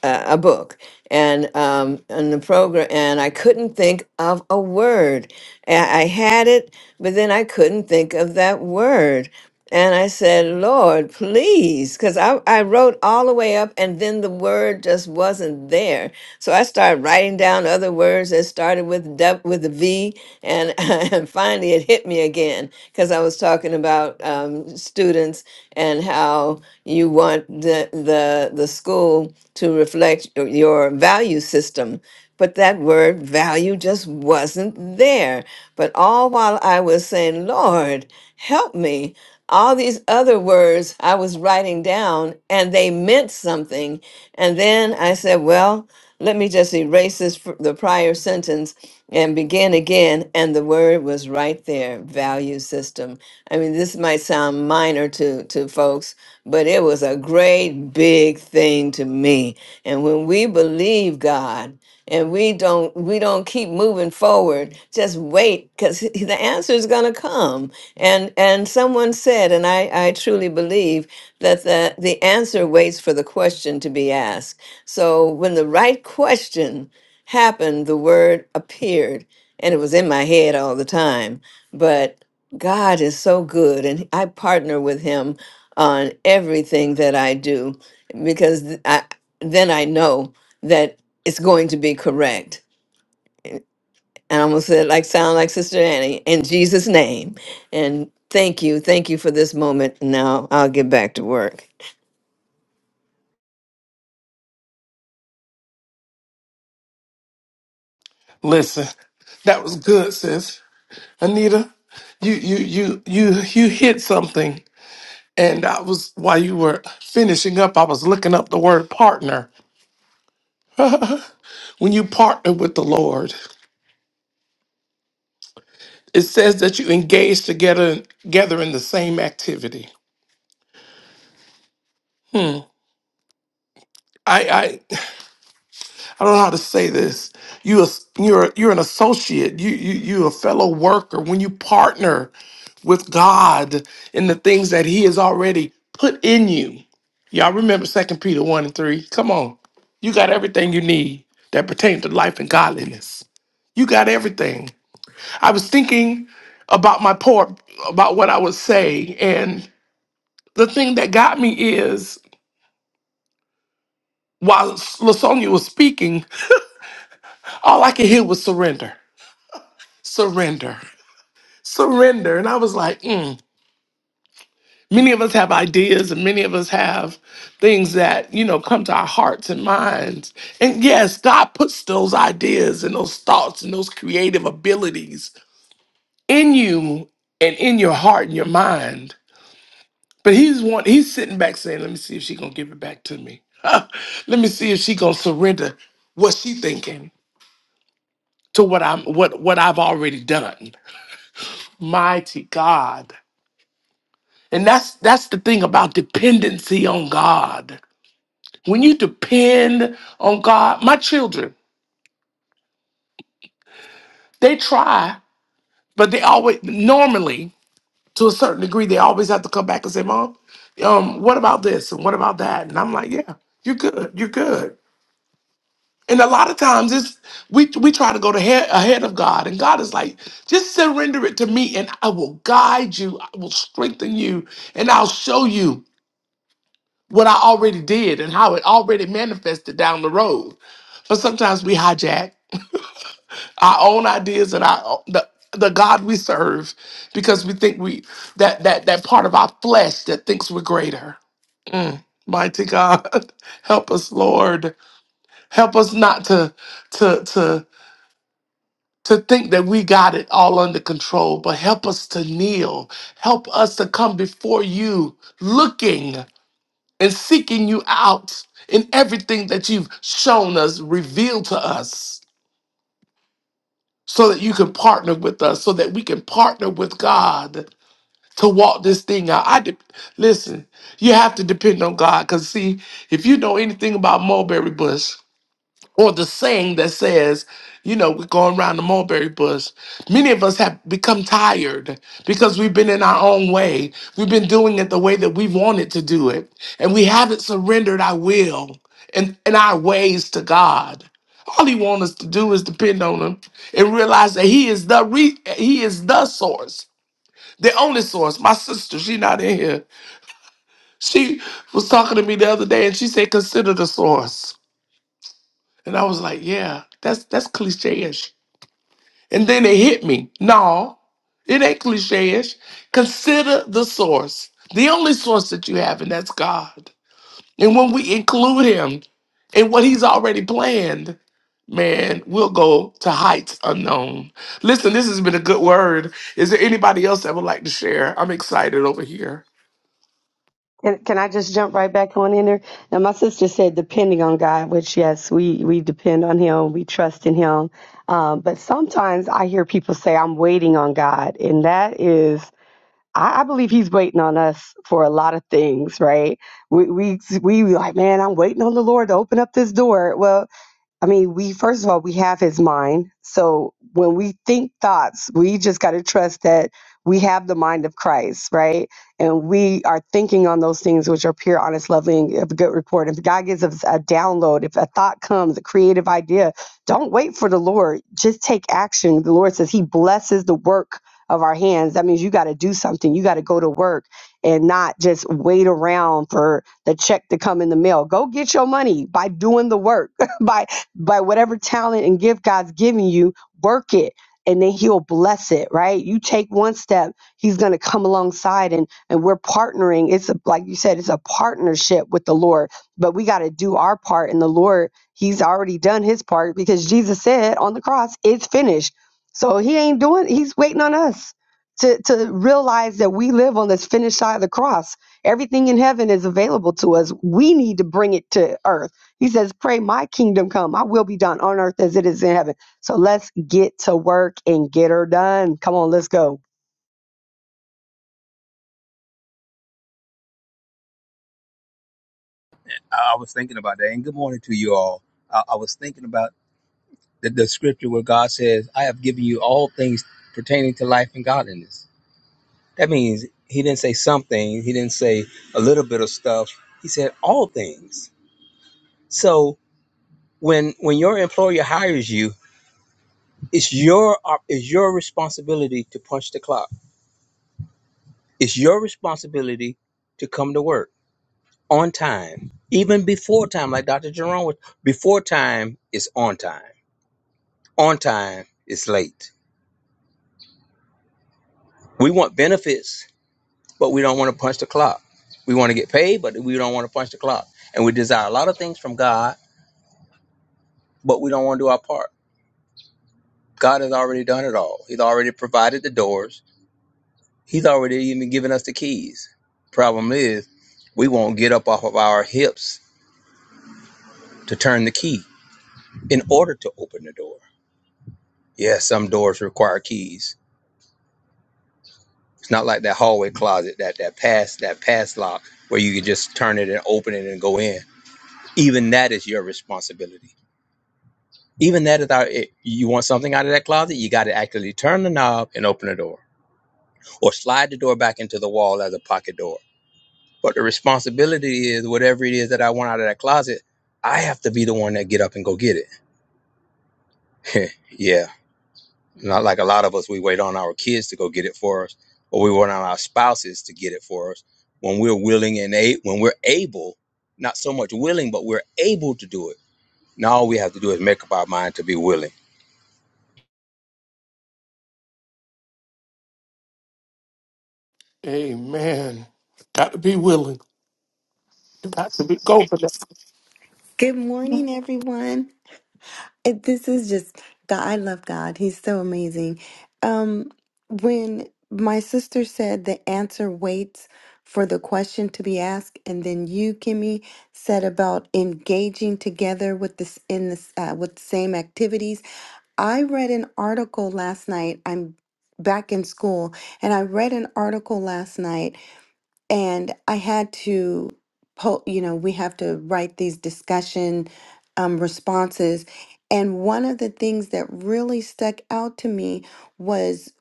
uh, a book and um and the program and I couldn't think of a word. A- I had it, but then I couldn't think of that word. And I said, Lord, please, because I, I wrote all the way up and then the word just wasn't there. So I started writing down other words that started with, du- with a V and and finally it hit me again because I was talking about um, students and how you want the the the school to reflect y- your value system. But that word value just wasn't there. But all while I was saying, Lord, help me, all these other words I was writing down and they meant something. And then I said, well, let me just erase this, fr- the prior sentence and begin again. And the word was right there value system. I mean, this might sound minor to, to folks, but it was a great big thing to me. And when we believe God, and we don't we don't keep moving forward just wait because the answer is going to come and and someone said and i i truly believe that the the answer waits for the question to be asked so when the right question happened the word appeared and it was in my head all the time but god is so good and i partner with him on everything that i do because th- I, then I know that it's going to be correct. And I'm gonna say it like sound like Sister Annie in Jesus' name. And thank you, thank you for this moment. Now I'll get back to work.
Listen, that was good, sis. Anita, you you you you you hit something, and I was while you were finishing up, I was looking up the word partner. When you partner with the Lord, it says that you engage together together in the same activity. I don't know how to say this. You as- you're you're an associate. You you you a fellow worker. When you partner with God in the things that He has already put in you, y'all remember Second Peter one and three. Come on, you got everything you need that pertains to life and godliness. You got everything. I was thinking about my poor about what I would say, and the thing that got me is while Lasonia was speaking, all I could hear was surrender, surrender. surrender. And I was like, mm. many of us have ideas and many of us have things that, you know, come to our hearts and minds. And yes, God puts those ideas and those thoughts and those creative abilities in you and in your heart and your mind. But he's one, he's sitting back saying, let me see if she's going to give it back to me. let me see if she's going to surrender what she thinking to what I'm what what I've already done. Mighty God. And that's that's the thing about dependency on God. When you depend on God, my children, they try, but they always normally to a certain degree they always have to come back and say, "Mom, um, what about this and what about that?" And I'm like, "Yeah, you're good, you're good." And a lot of times it's we we try to go to head, ahead of God, and God is like, "Just surrender it to me, and I will guide you, I will strengthen you, and I'll show you." what I already did and how it already manifested down the road. But sometimes we hijack our own ideas and our the the God we serve because we think we that that that part of our flesh that thinks we're greater. Mm. Mighty God, help us, Lord. Help us not to to to to think that we got it all under control, but help us to kneel. Help us to come before you looking. and seeking you out in everything that you've shown us, revealed to us, so that you can partner with us, so that we can partner with God to walk this thing out. I de- listen. You have to depend on God, cause see, if you know anything about mulberry bush, or the saying that says, you know, we're going around the mulberry bush. Many of us have become tired because we've been in our own way. We've been doing it the way that we wanted to do it. And we haven't surrendered our will and, and our ways to God. All he wants us to do is depend on him and realize that he is the re- he is the source, the only source. My sister, she not in here. She was talking to me the other day and she said, consider the source and I was like, yeah, that's that's cliche-ish. And then it hit me. No, it ain't cliche-ish. Consider the source, the only source that you have, and that's God. And when we include him in what he's already planned, man, we'll go to heights unknown. Listen, this has been a good word. Is there anybody else that would like to share? I'm excited over here.
And can I just jump right back on in there? Now, my sister said, depending on God, which yes, we we depend on Him, we trust in Him. Um, but sometimes I hear people say, "I'm waiting on God," and that is, I, I believe He's waiting on us for a lot of things, right? We we we like, man, I'm waiting on the Lord to open up this door. Well, I mean, we first of all, we have his mind. So when we think thoughts, we just got to trust that we have the mind of Christ, right? And we are thinking on those things which are pure, honest, lovely, and of good report. If God gives us a download, if a thought comes, a creative idea, don't wait for the Lord. Just take action. The Lord says He blesses the work of our hands. That means you got to do something. You got to go to work and not just wait around for the check to come in the mail. Go get your money by doing the work. by by whatever talent and gift God's giving you, work it and then he'll bless it, right? You take one step, he's going to come alongside and and we're partnering. It's a, like you said, it's a partnership with the Lord, but we got to do our part and the Lord, he's already done his part because Jesus said on the cross, it's finished. So he ain't doing he's waiting on us to to realize that we live on this finished side of the cross. Everything in heaven is available to us. We need to bring it to earth he says, Pray my kingdom come. I will be done on earth as it is in heaven. So let's get to work and get her done. Come on, let's go.
I I was thinking about that. And good morning to you all. I, I was thinking about the, the scripture where God says, I have given you all things pertaining to life and godliness. That means he didn't say something, he didn't say a little bit of stuff. He said all things. So when when your employer hires you, it's your op- it's your responsibility to punch the clock. It's your responsibility to come to work on time. Even before time, like Dr. Jerome was before time is on time On time is late. We want benefits, but we don't want to punch the clock. We want to get paid, but we don't want to punch the clock. And we desire a lot of things from God, but we don't want to do our part. God has already done it all. He's already provided the doors. He's already even given us the keys. Problem is, we won't get up off of our hips to turn the key in order to open the door. Yes, yeah, some doors require keys. It's not like that hallway closet, that that pass, that pass lock where you can just turn it and open it and go in even that is your responsibility. Even that is our. It, you want something out of that closet, you got to actually turn the knob and open the door, or slide the door back into the wall as a pocket door. But the responsibility is whatever it is that I want out of that closet, I have to be the one that get up and go get it. yeah, not like a lot of us. We wait on our kids to go get it for us, or we wait on our spouses to get it for us. When we're willing and a- when we're able, not so much willing, but we're able to do it. Now all we have to do is make up our mind to be willing
Amen. Got to be willing. Got to be go, Vanessa.
Good morning, everyone. It- This is just God. I love God. He's so amazing. Um, when my sister said the answer waits for the question to be asked, and then you, Kimmy, said about engaging together with this in this uh, with the same activities. I read an article last night. I'm back in school, and I read an article last night and I had to po you know, we have to write these discussion um, responses. And one of the things that really stuck out to me was,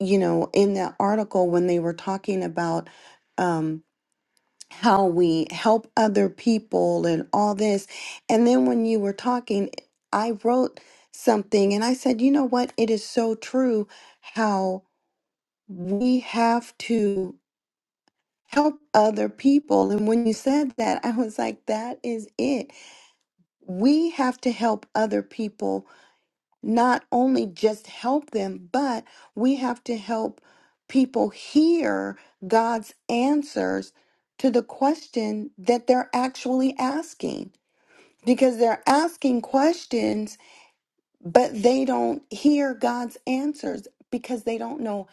you know, in that article when they were talking about um, how we help other people and all this. And then when you were talking, I wrote something and I said, you know what? It is so true how we have to help other people. And when you said that, I was like, that is it. We have to help other people, not only just help them, but we have to help people hear God's answers to the question that they're actually asking. Because they're asking questions but they don't hear God's answers because they don't know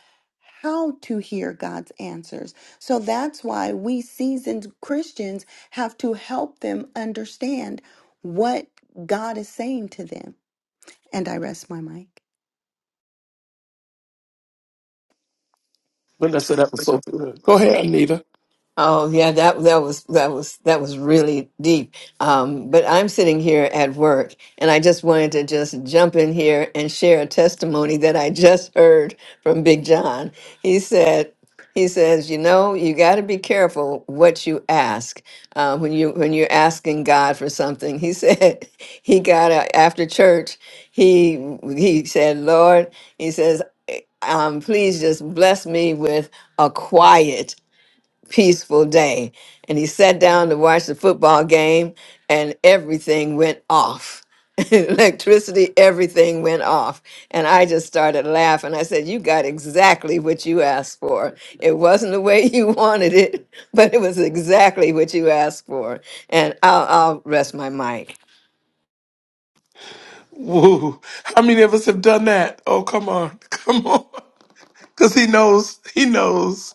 how to hear God's answers. So that's why we seasoned Christians have to help them understand what God is saying to them. And I rest my mic.
Vanessa, that was so good. Go ahead, Anita.
Oh yeah, that that was that was that was really deep. Um, but I'm sitting here at work, and I just wanted to just jump in here and share a testimony that I just heard from Big John. He said, he says, you know, you got to be careful what you ask uh, when you when you're asking God for something. He said he got a, after church. He he said, Lord, he says, um, please just bless me with a quiet peaceful day. And he sat down to watch the football game, and everything went off. Electricity, everything went off. And I just started laughing. I said, You got exactly what you asked for. It wasn't the way you wanted it, but it was exactly what you asked for. And I'll, I'll rest my mic.
Woo. How many of us have done that? Oh, come on. Come on. Because he knows, he knows,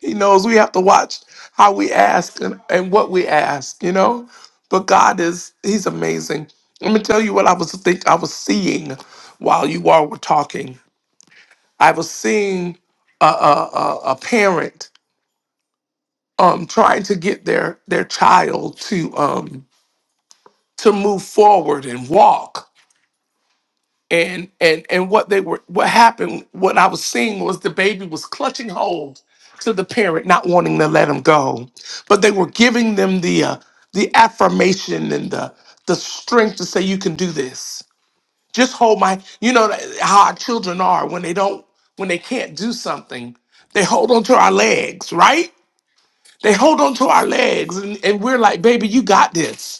he knows we have to watch how we ask and, and what we ask, you know? But God is, he's amazing. Let me tell you what I was think I was seeing while you all were talking. I was seeing a, a, a, a parent um, trying to get their, their child to um, to move forward and walk and and and what they were what happened what i was seeing was the baby was clutching hold to the parent not wanting to let him go but they were giving them the uh, the affirmation and the the strength to say you can do this just hold my you know th- how our children are when they don't when they can't do something they hold on to our legs right they hold on to our legs and, and we're like baby you got this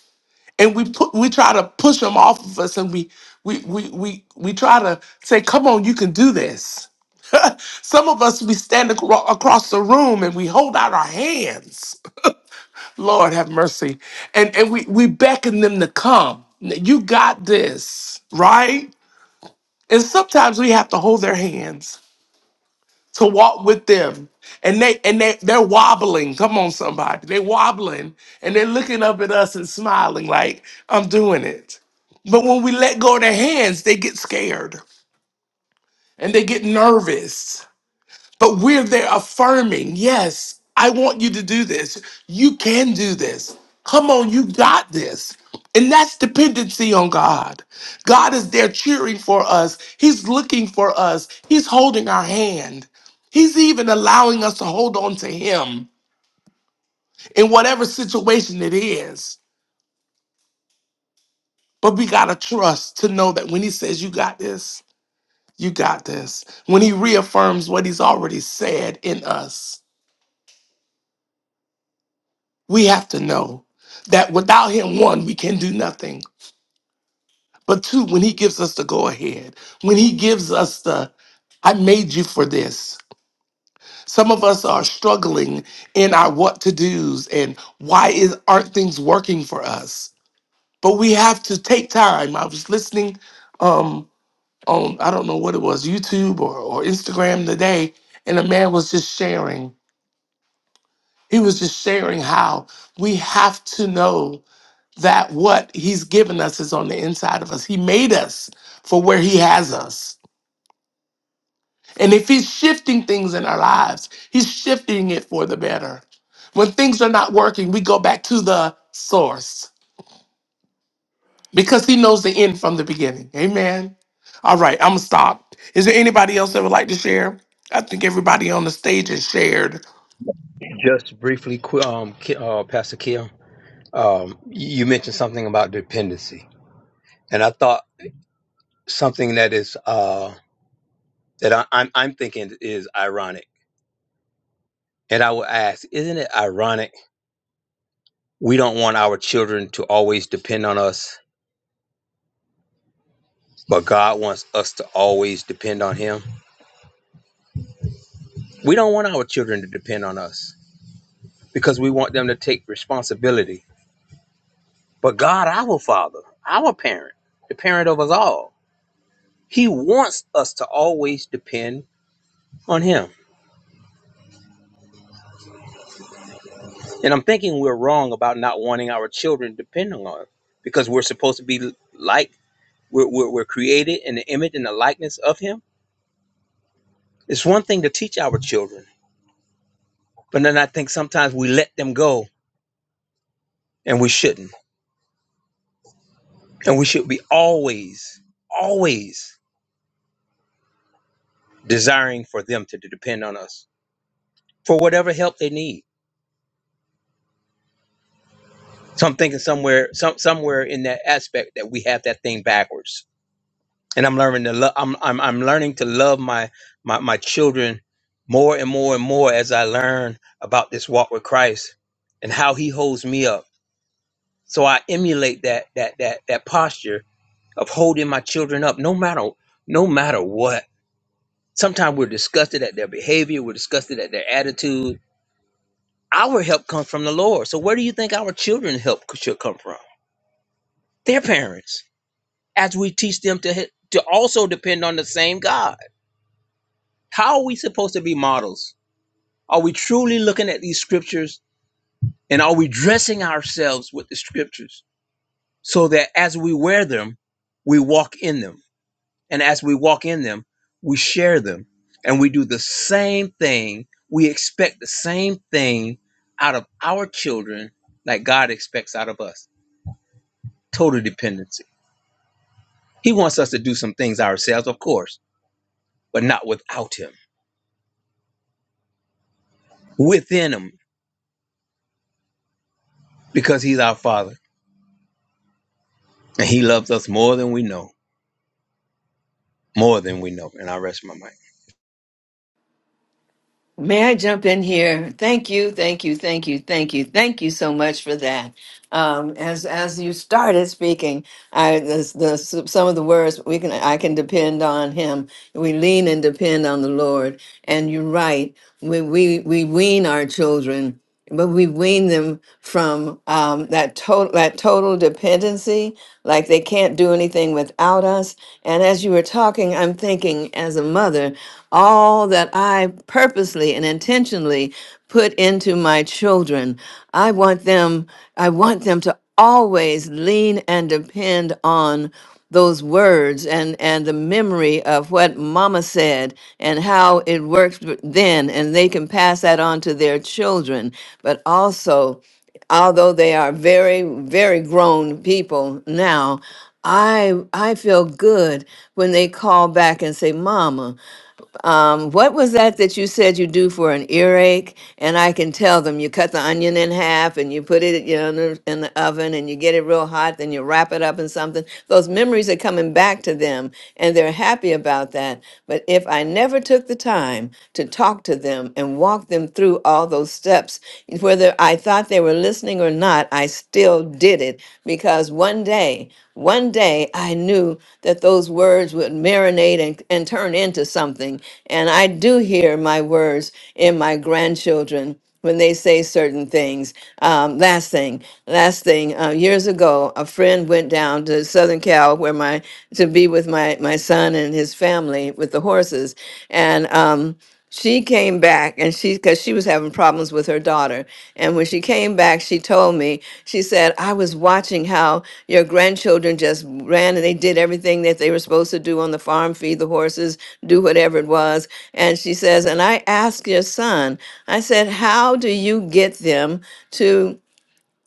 and we put we try to push them off of us and we we we we, we try to say come on you can do this some of us we stand acro- across the room and we hold out our hands lord have mercy and and we we beckon them to come you got this right and sometimes we have to hold their hands to walk with them. And they and they they're wobbling. Come on, somebody. They're wobbling and they're looking up at us and smiling like, I'm doing it. But when we let go of their hands, they get scared and they get nervous. But we're there affirming, yes, I want you to do this. You can do this. Come on, you got this. And that's dependency on God. God is there cheering for us, He's looking for us, He's holding our hand. He's even allowing us to hold on to Him in whatever situation it is. But we got to trust to know that when He says, You got this, you got this. When He reaffirms what He's already said in us we have to know that without him one we can do nothing but two when he gives us the go ahead when he gives us the i made you for this some of us are struggling in our what to do's and why is aren't things working for us but we have to take time i was listening um on i don't know what it was youtube or, or instagram today and a man was just sharing he was just sharing how we have to know that what he's given us is on the inside of us. He made us for where he has us. And if he's shifting things in our lives, he's shifting it for the better. When things are not working, we go back to the source because he knows the end from the beginning. Amen. All right, I'm going to stop. Is there anybody else that would like to share? I think everybody on the stage has shared.
Just briefly, qu- um, Ki- uh, Pastor Kim, um, you mentioned something about dependency, and I thought something that is uh, that I, I'm I'm thinking is ironic. And I will ask, isn't it ironic? We don't want our children to always depend on us, but God wants us to always depend on Him. We don't want our children to depend on us because we want them to take responsibility. But God, our Father, our parent, the parent of us all, He wants us to always depend on him. And I'm thinking we're wrong about not wanting our children depending on him because we're supposed to be like, we're, we're, we're created in the image and the likeness of him. It's one thing to teach our children, but then I think sometimes we let them go and we shouldn't. And we should be always, always desiring for them to depend on us for whatever help they need. So I'm thinking somewhere, some, somewhere in that aspect that we have that thing backwards and I'm learning to love. I'm I'm I'm learning to love my my my children more and more and more as I learn about this walk with Christ and how He holds me up. So I emulate that that that that posture of holding my children up, no matter no matter what. Sometimes we're disgusted at their behavior, we're disgusted at their attitude. Our help comes from the Lord. So where do you think our children help should come from? Their parents, as we teach them to to also depend on the same God. How are we supposed to be models? Are we truly looking at these scriptures and are we dressing ourselves with the scriptures so that as we wear them, we walk in them? And as we walk in them, we share them and we do the same thing. We expect the same thing out of our children like God expects out of us total dependency. He wants us to do some things ourselves, of course, but not without Him, within Him, because He's our Father and He loves us more than we know, more than we know. And I rest my mind.
May I jump in here? Thank you, thank you, thank you, thank you, thank you so much for that. Um, as as you started speaking, I the, the some of the words we can I can depend on Him. We lean and depend on the Lord. And you're right. We we we wean our children but we wean them from um, that total that total dependency like they can't do anything without us and as you were talking i'm thinking as a mother all that i purposely and intentionally put into my children i want them i want them to always lean and depend on those words and and the memory of what mama said and how it worked then and they can pass that on to their children but also although they are very very grown people now i i feel good when they call back and say mama um, what was that that you said you do for an earache? And I can tell them you cut the onion in half and you put it you know, in, the, in the oven and you get it real hot, then you wrap it up in something. Those memories are coming back to them and they're happy about that. But if I never took the time to talk to them and walk them through all those steps, whether I thought they were listening or not, I still did it because one day, one day I knew that those words would marinate and, and turn into something. And I do hear my words in my grandchildren when they say certain things. Um, last thing, last thing. Uh, years ago, a friend went down to Southern Cal where my to be with my my son and his family with the horses, and. Um, she came back and she because she was having problems with her daughter and when she came back she told me she said i was watching how your grandchildren just ran and they did everything that they were supposed to do on the farm feed the horses do whatever it was and she says and i asked your son i said how do you get them to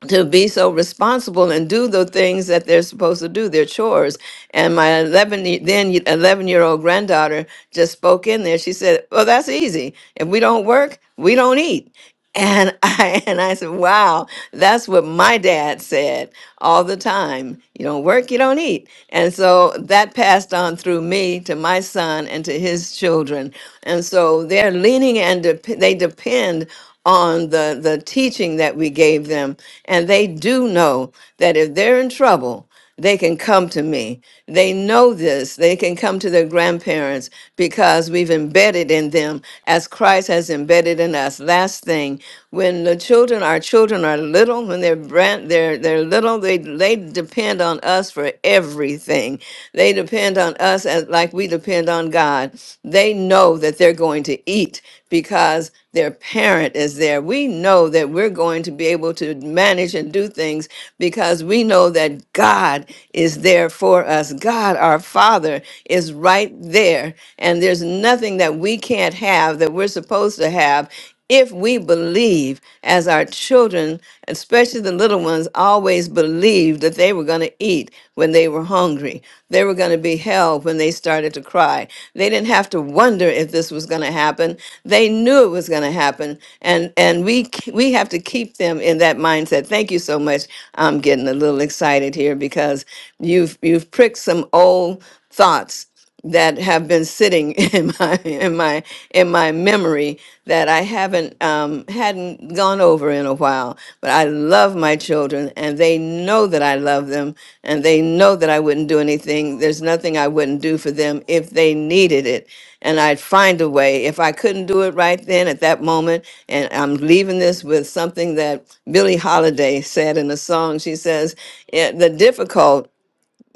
to be so responsible and do the things that they're supposed to do, their chores. And my 11 ye- then 11 year old granddaughter just spoke in there. She said, "Well, that's easy. If we don't work, we don't eat." And I and I said, "Wow, that's what my dad said all the time. You don't work, you don't eat." And so that passed on through me to my son and to his children. And so they're leaning and dep they depend on the the teaching that we gave them, and they do know that if they're in trouble. They can come to me. They know this. They can come to their grandparents because we've embedded in them as Christ has embedded in us. Last thing, when the children, our children are little, when they're brand, they're they're little, they they depend on us for everything. They depend on us as like we depend on God. They know that they're going to eat because their parent is there. We know that we're going to be able to manage and do things because we know that God is there for us. God, our Father, is right there. And there's nothing that we can't have that we're supposed to have if we believe as our children especially the little ones always believed that they were going to eat when they were hungry they were going to be held when they started to cry they didn't have to wonder if this was going to happen they knew it was going to happen and and we k- we have to keep them in that mindset thank you so much i'm getting a little excited here because you've you've pricked some old thoughts that have been sitting in my in my in my memory that I haven't um, hadn't gone over in a while. But I love my children, and they know that I love them, and they know that I wouldn't do anything. There's nothing I wouldn't do for them if they needed it, and I'd find a way. If I couldn't do it right then at that moment, and I'm leaving this with something that Billie Holiday said in a song. She says, "Yeah, "The difficult."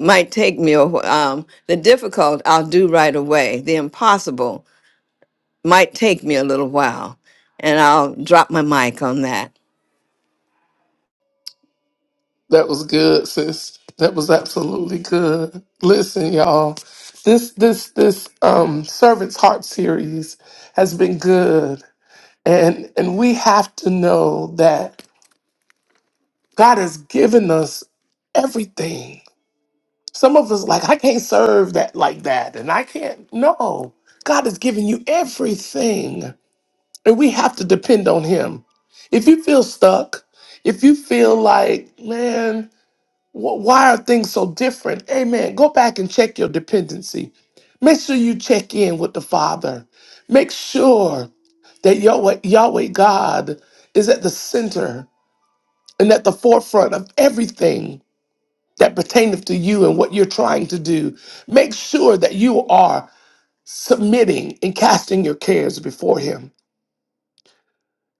might take me a wh- um, the difficult I'll do right away. The impossible might take me a little while, and I'll drop my mic on that.
That was good, sis. That was absolutely good. Listen, y'all. This this this um servant's heart series has been good. And and we have to know that God has given us everything. Some of us like I can't serve that like that and I can't no. God has given you everything and we have to depend on him. If you feel stuck, if you feel like, man, Wh- Why are things so different? Amen. Go back and check your dependency. Make sure you check in with the Father. Make sure that Yahweh, Yahweh God is at the center and at the forefront of everything that pertaineth to you and what you're trying to do. Make sure that you are submitting and casting your cares before Him.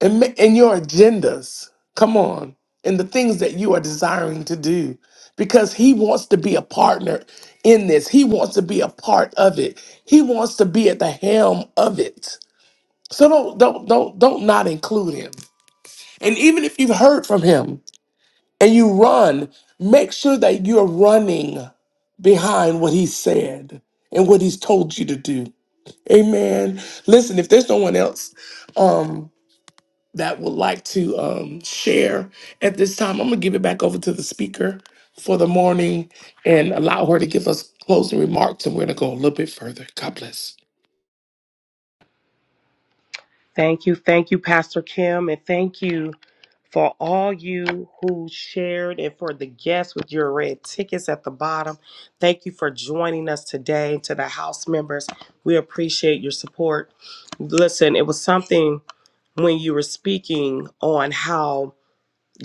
and, ma- and your agendas. Come on. And the things that you are desiring to do because he wants to be a partner in this. He wants to be a part of it. He wants to be at the helm of it. So don't don't don't don't not include him. And even if you've heard from him and you run, make sure that you're running behind what he said and what he's told you to do. Amen. Listen, if there's no one else um, that would like to um, share at this time, I'm going to give it back over to the speaker for the morning and allow her to give us closing remarks. And we're going to go a little bit further. God bless.
Thank you, thank you, Pastor Kim, and thank you for all you who shared and for the guests with your red tickets at the bottom. Thank you for joining us today. To the house members, we appreciate your support. Listen, it was something when you were speaking on how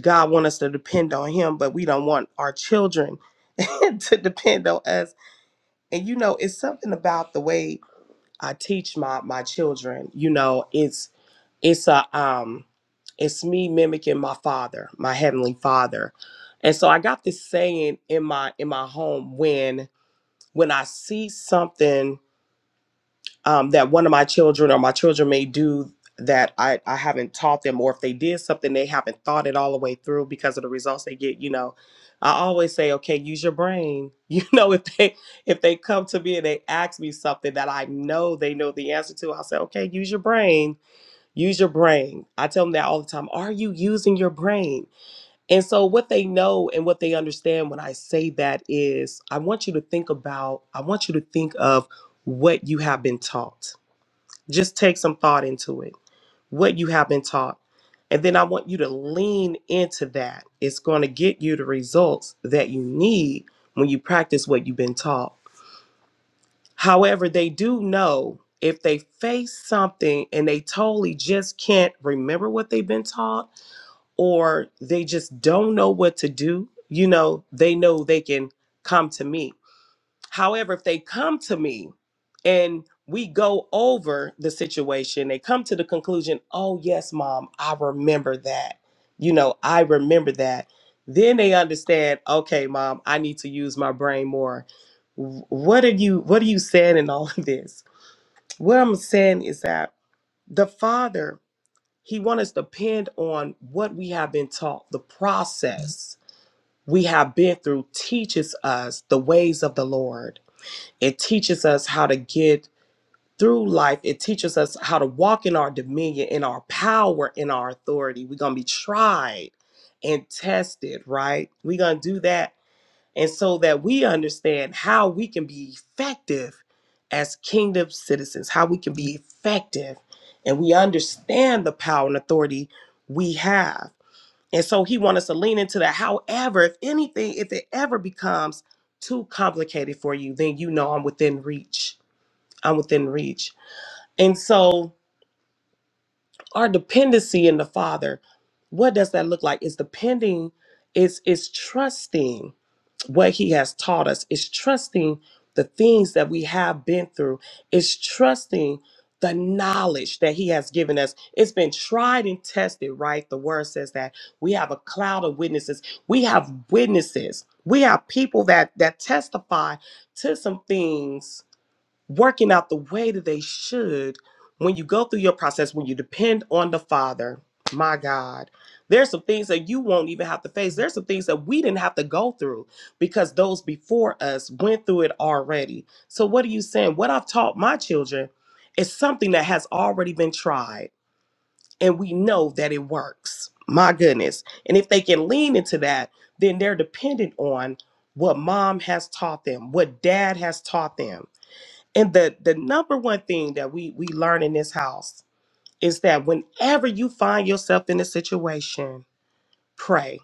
God wants us to depend on Him, but we don't want our children to depend on us. And you know, it's something about the way I teach my my children. You know, it's it's a um it's me mimicking my father my heavenly father and so i got this saying in my in my home when when i see something um that one of my children or my children may do that i i haven't taught them or if they did something they haven't thought it all the way through because of the results they get you know i always say okay use your brain you know if they if they come to me and they ask me something that i know they know the answer to i'll say okay use your brain Use your brain. I tell them that all the time. Are you using your brain? And so, what they know and what they understand when I say that is, I want you to think about, I want you to think of what you have been taught. Just take some thought into it, what you have been taught. And then I want you to lean into that. It's going to get you the results that you need when you practice what you've been taught. However, they do know if they face something and they totally just can't remember what they've been taught or they just don't know what to do, you know, they know they can come to me However, if they come to me and we go over the situation, they come to the conclusion, oh, yes, mom, I remember that. You know, I remember that. Then they understand, okay, mom, I need to use my brain more. Wh- What are you what are you saying in all of this? What I'm saying is that the father, he wants us to depend on what we have been taught, the process we have been through teaches us the ways of the Lord it teaches us how to get through life. It teaches us how to walk in our dominion, in our power, in our authority. We're going to be tried and tested, right? We're going to do that. And so that we understand how we can be effective as kingdom citizens, how we can be effective. And we understand the power and authority we have. And so he wants us to lean into that. However, if anything, if it ever becomes too complicated for you, then you know I'm within reach I'm within reach. And so our dependency in the Father, what does that look like? It's depending, it's it's trusting what He has taught us, it's trusting the things that we have been through, it's trusting the knowledge that he has given us it's been tried and tested right the word says that we have a cloud of witnesses we have witnesses we have people that that testify to some things working out the way that they should when you go through your process, when you depend on the Father. My God, there's some things that you won't even have to face. There's some things that we didn't have to go through because those before us went through it already. So, what are you saying? What I've taught my children is something that has already been tried, and we know that it works. My goodness. And if they can lean into that, then they're dependent on what mom has taught them, what dad has taught them and the the number one thing that we we learn in this house is that whenever you find yourself in a situation, pray.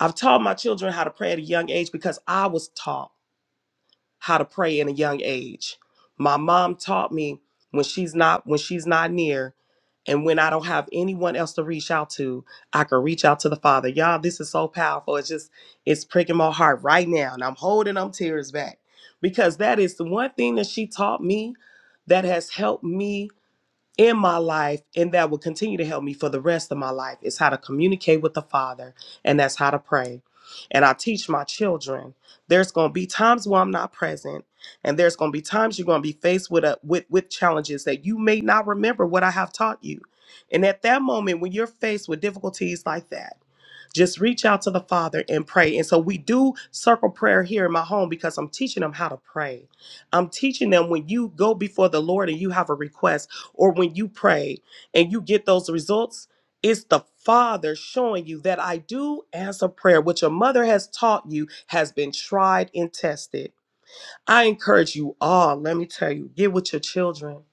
I've taught my children how to pray at a young age because I was taught how to pray in a young age. My mom taught me when she's not when she's not near and when I don't have anyone else to reach out to, I can reach out to the Father. Y'all, this is so powerful. It's just it's pricking my heart right now and I'm holding them tears back because that is the one thing that she taught me that has helped me in my life and that will continue to help me for the rest of my life is how to communicate with the Father and that's how to pray. And I teach my children there's going to be times where I'm not present and there's going to be times you're going to be faced with a with with challenges that you may not remember what I have taught you. And at that moment when you're faced with difficulties like that just reach out to the Father and pray. And so we do circle prayer here in my home because I'm teaching them how to pray. I'm teaching them when you go before the Lord and you have a request, or when you pray and you get those results, it's the Father showing you that I do answer prayer, which your mother has taught you has been tried and tested. I encourage you all, let me tell you, get with your children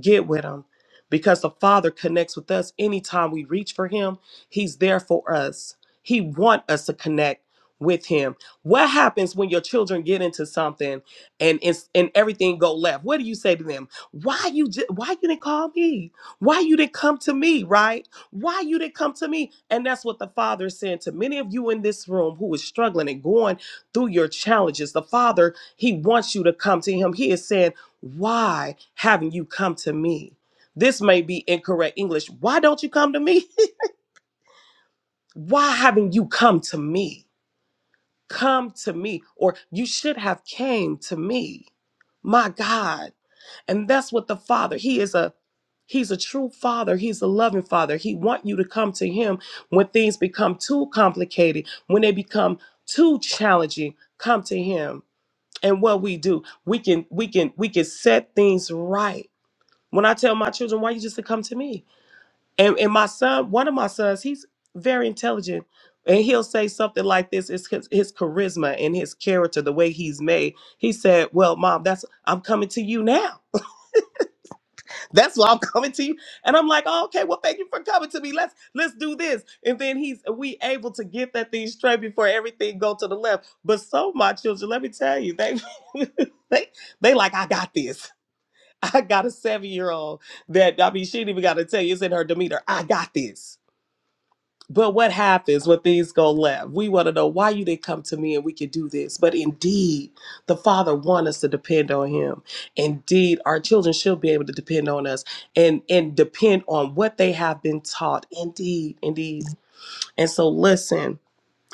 get with him because the father connects with us anytime we reach for him he's there for us he want us to connect with him what happens when your children get into something and it's, and everything go left what do you say to them why you ju- why you didn't call me why you didn't come to me right why you didn't come to me and that's what the father is saying to many of you in this room who is struggling and going through your challenges the father he wants you to come to him he is saying why haven't you come to me? This may be incorrect English. Why don't you come to me? Why haven't you come to me? Come to me or you should have came to me. My God. And that's what the Father, he is a he's a true father. He's a loving father. He want you to come to him when things become too complicated, when they become too challenging, come to him. And what we do, we can we can we can set things right When I tell my children, why you just to come to me? And and my son, one of my sons, he's very intelligent. And he'll say something like this, it's his, his charisma and his character, the way he's made. He said, Well, mom, that's I'm coming to you now. That's why I'm coming to you. And I'm like, oh, okay, well, thank you for coming to me. Let's let's do this. And then he's we able to get that thing straight before everything go to the left. But so my children, let me tell you, they they they like, I got this. I got a seven year old that, I mean, she ain't even got to tell you, it's in her demeanor. I got this. But what happens when things go left? We want to know why you didn't come to me and we could do this. But indeed, the Father wants us to depend on Him. Indeed, our children should be able to depend on us and, and depend on what they have been taught. Indeed, indeed. And so, listen,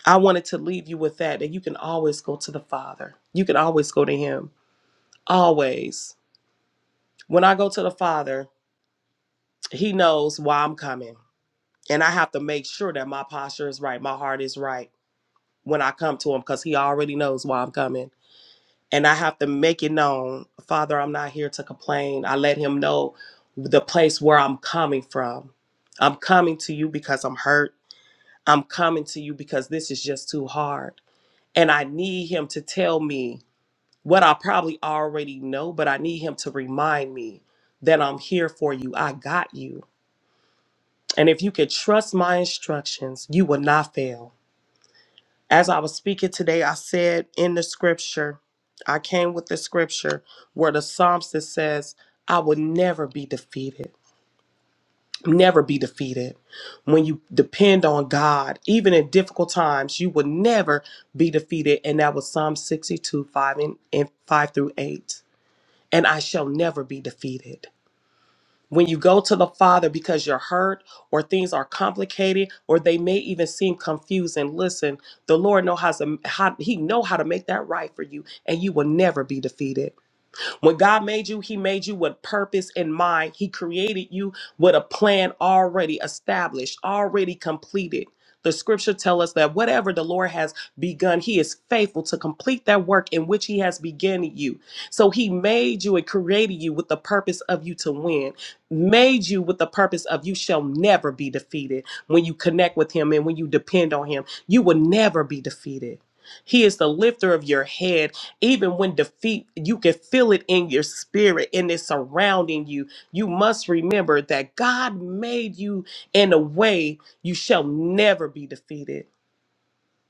I wanted to leave you with that, that you can always go to the Father. You can always go to Him. Always. When I go to the Father, he knows why I'm coming. And I have to make sure that my posture is right, my heart is right when I come to him because he already knows why I'm coming. And I have to make it known, Father, I'm not here to complain. I let him know the place where I'm coming from. I'm coming to you because I'm hurt. I'm coming to you because this is just too hard. And I need him to tell me what I probably already know, but I need him to remind me that I'm here for you. I got you. And if you could trust my instructions, you will not fail. As I was speaking today, I said in the scripture, I came with the scripture where the psalmist says, I will never be defeated. Never be defeated. When you depend on God, even in difficult times, you will never be defeated. And that was Psalm 62, 5 and, and 5 through 8. And I shall never be defeated. When you go to the Father because you're hurt or things are complicated or they may even seem confusing, listen, the Lord know how to how, he know how to make that right for you and you will never be defeated. When God made you, He made you with purpose in mind. He created you with a plan already established, already completed. The scripture tell us that whatever the Lord has begun, He is faithful to complete that work in which He has begun you. So He made you and created you with the purpose of you to win, made you with the purpose of you shall never be defeated. When you connect with Him and when you depend on Him, you will never be defeated. He is the lifter of your head even when defeat, you can feel it in your spirit and it's surrounding you. You must remember that God made you in a way you shall never be defeated.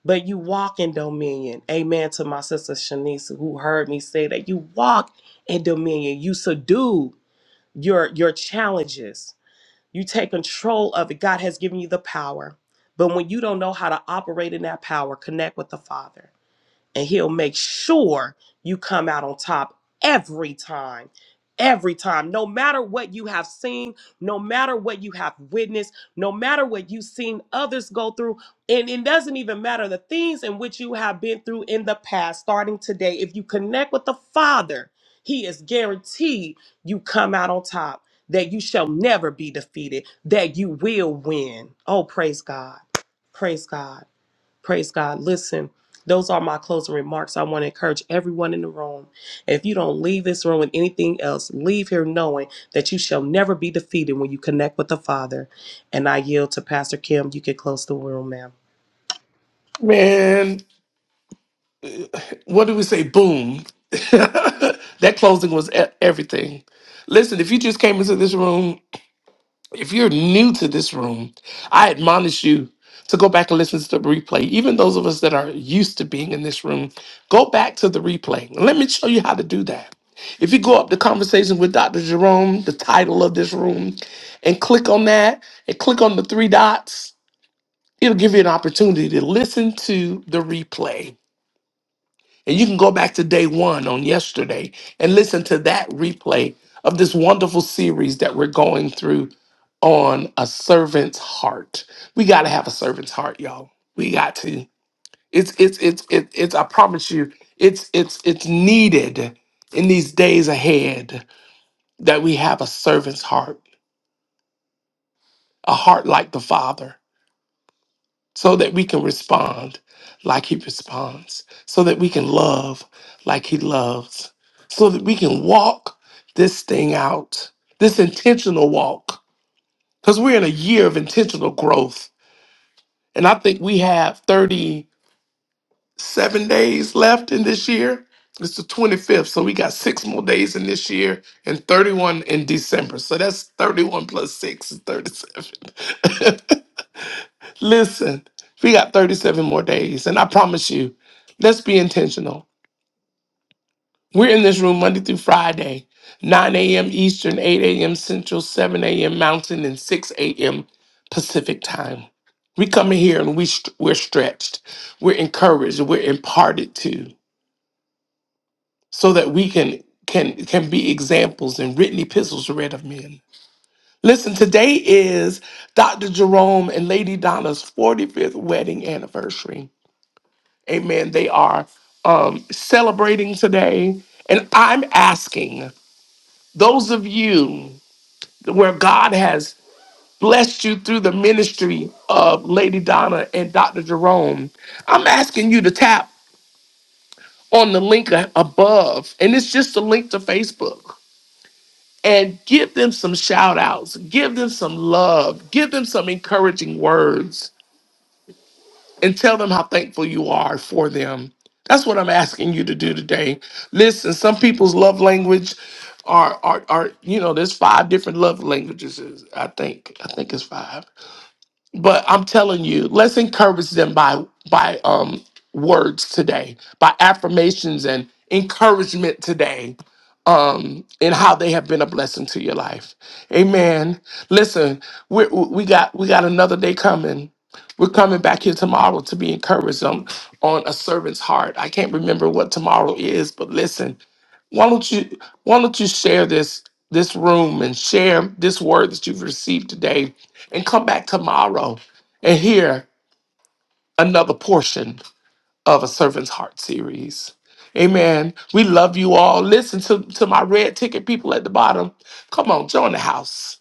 But you walk in dominion. Amen to my sister Shanice, who heard me say that you walk in dominion. You subdue your your challenges. You take control of it. God has given you the power. But when you don't know how to operate in that power, connect with the Father and he'll make sure you come out on top every time. Every time, no matter what you have seen, no matter what you have witnessed, no matter what you've seen others go through, and it doesn't even matter the things in which you have been through in the past, starting today, if you connect with the Father, He is guaranteed you come out on top, that you shall never be defeated, that you will win. Oh, praise God. Praise God. Praise God. Listen, those are my closing remarks. I want to encourage everyone in the room. If you don't leave this room with anything else, leave here knowing that you shall never be defeated when you connect with the Father. And I yield to Pastor Kim. You can close the room, ma'am.
Man, what do we say? Boom. that closing was e- everything. Listen, if you just came into this room If you're new to this room, I admonish you to go back and listen to the replay. Even those of us that are used to being in this room, go back to the replay. And Let me show you how to do that. If you go up to conversation with Dr. Jerome, the title of this room, and click on that and click on the three dots, it'll give you an opportunity to listen to the replay and you can go back to day one on yesterday and listen to that replay of this wonderful series that we're going through on a servant's heart. We got to have a servant's heart, y'all. We got to. It's it's it's it's, it's I promise you, it's it's it's needed in these days ahead that we have a servant's heart, a heart like the Father. so that we can respond like he responds, so that we can love like he loves, so that we can walk this thing out, this intentional walk. Because we're in a year of intentional growth. And I think we have 37 days left in this year. It's the 25th, so we got six more days in this year and 31 in December. So that's 31 plus 6 is 37. Listen, we got 37 more days, and I promise you, let's be intentional. We're in this room Monday through Friday, 9 a.m. Eastern, 8 a.m. Central, 7 a.m. Mountain, and 6 a.m. Pacific time. We come in here and we st- we're stretched, we're encouraged, we're imparted to, so that we can can can be examples and written epistles read of men. Listen, today is Dr. Jerome and Lady Donna's 45th wedding anniversary. Amen. They are um, celebrating today. And I'm asking those of you where God has blessed you through the ministry of Lady Donna and Dr. Jerome, I'm asking you to tap on the link a- above. And it's just a link to Facebook. And give them some shout outs, give them some love, give them some encouraging words and tell them how thankful you are for them. That's what I'm asking you to do today. Listen, some people's love language are are are you know there's five different love languages I think I think it's five. But I'm telling you, let's encourage them by by um words today, by affirmations and encouragement today um, and how they have been a blessing to your life. Amen. Listen, we we got we got another day coming. We're coming back here tomorrow to be encouraged on, on a servant's heart. I can't remember what tomorrow is, but listen, why don't you why don't you share this this room and share this word that you've received today and come back tomorrow and hear another portion of a servant's heart series. Amen. We love you all. Listen to, to my red ticket people at the bottom. Come on, join the house.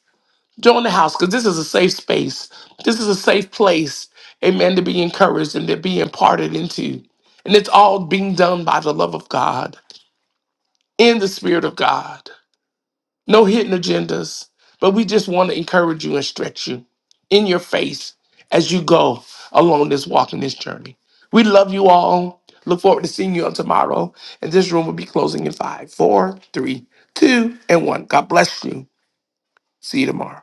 Join the house because this is a safe space. This is a safe place, amen, to be encouraged and to be imparted into. And it's all being done by the love of God, in the Spirit of God no hidden agendas, but we just want to encourage you and stretch you in your face as you go along this walk and this journey. We love you all. Look forward to seeing you on tomorrow. And this room will be closing in five, four, three, two, and one. God bless you. See you tomorrow.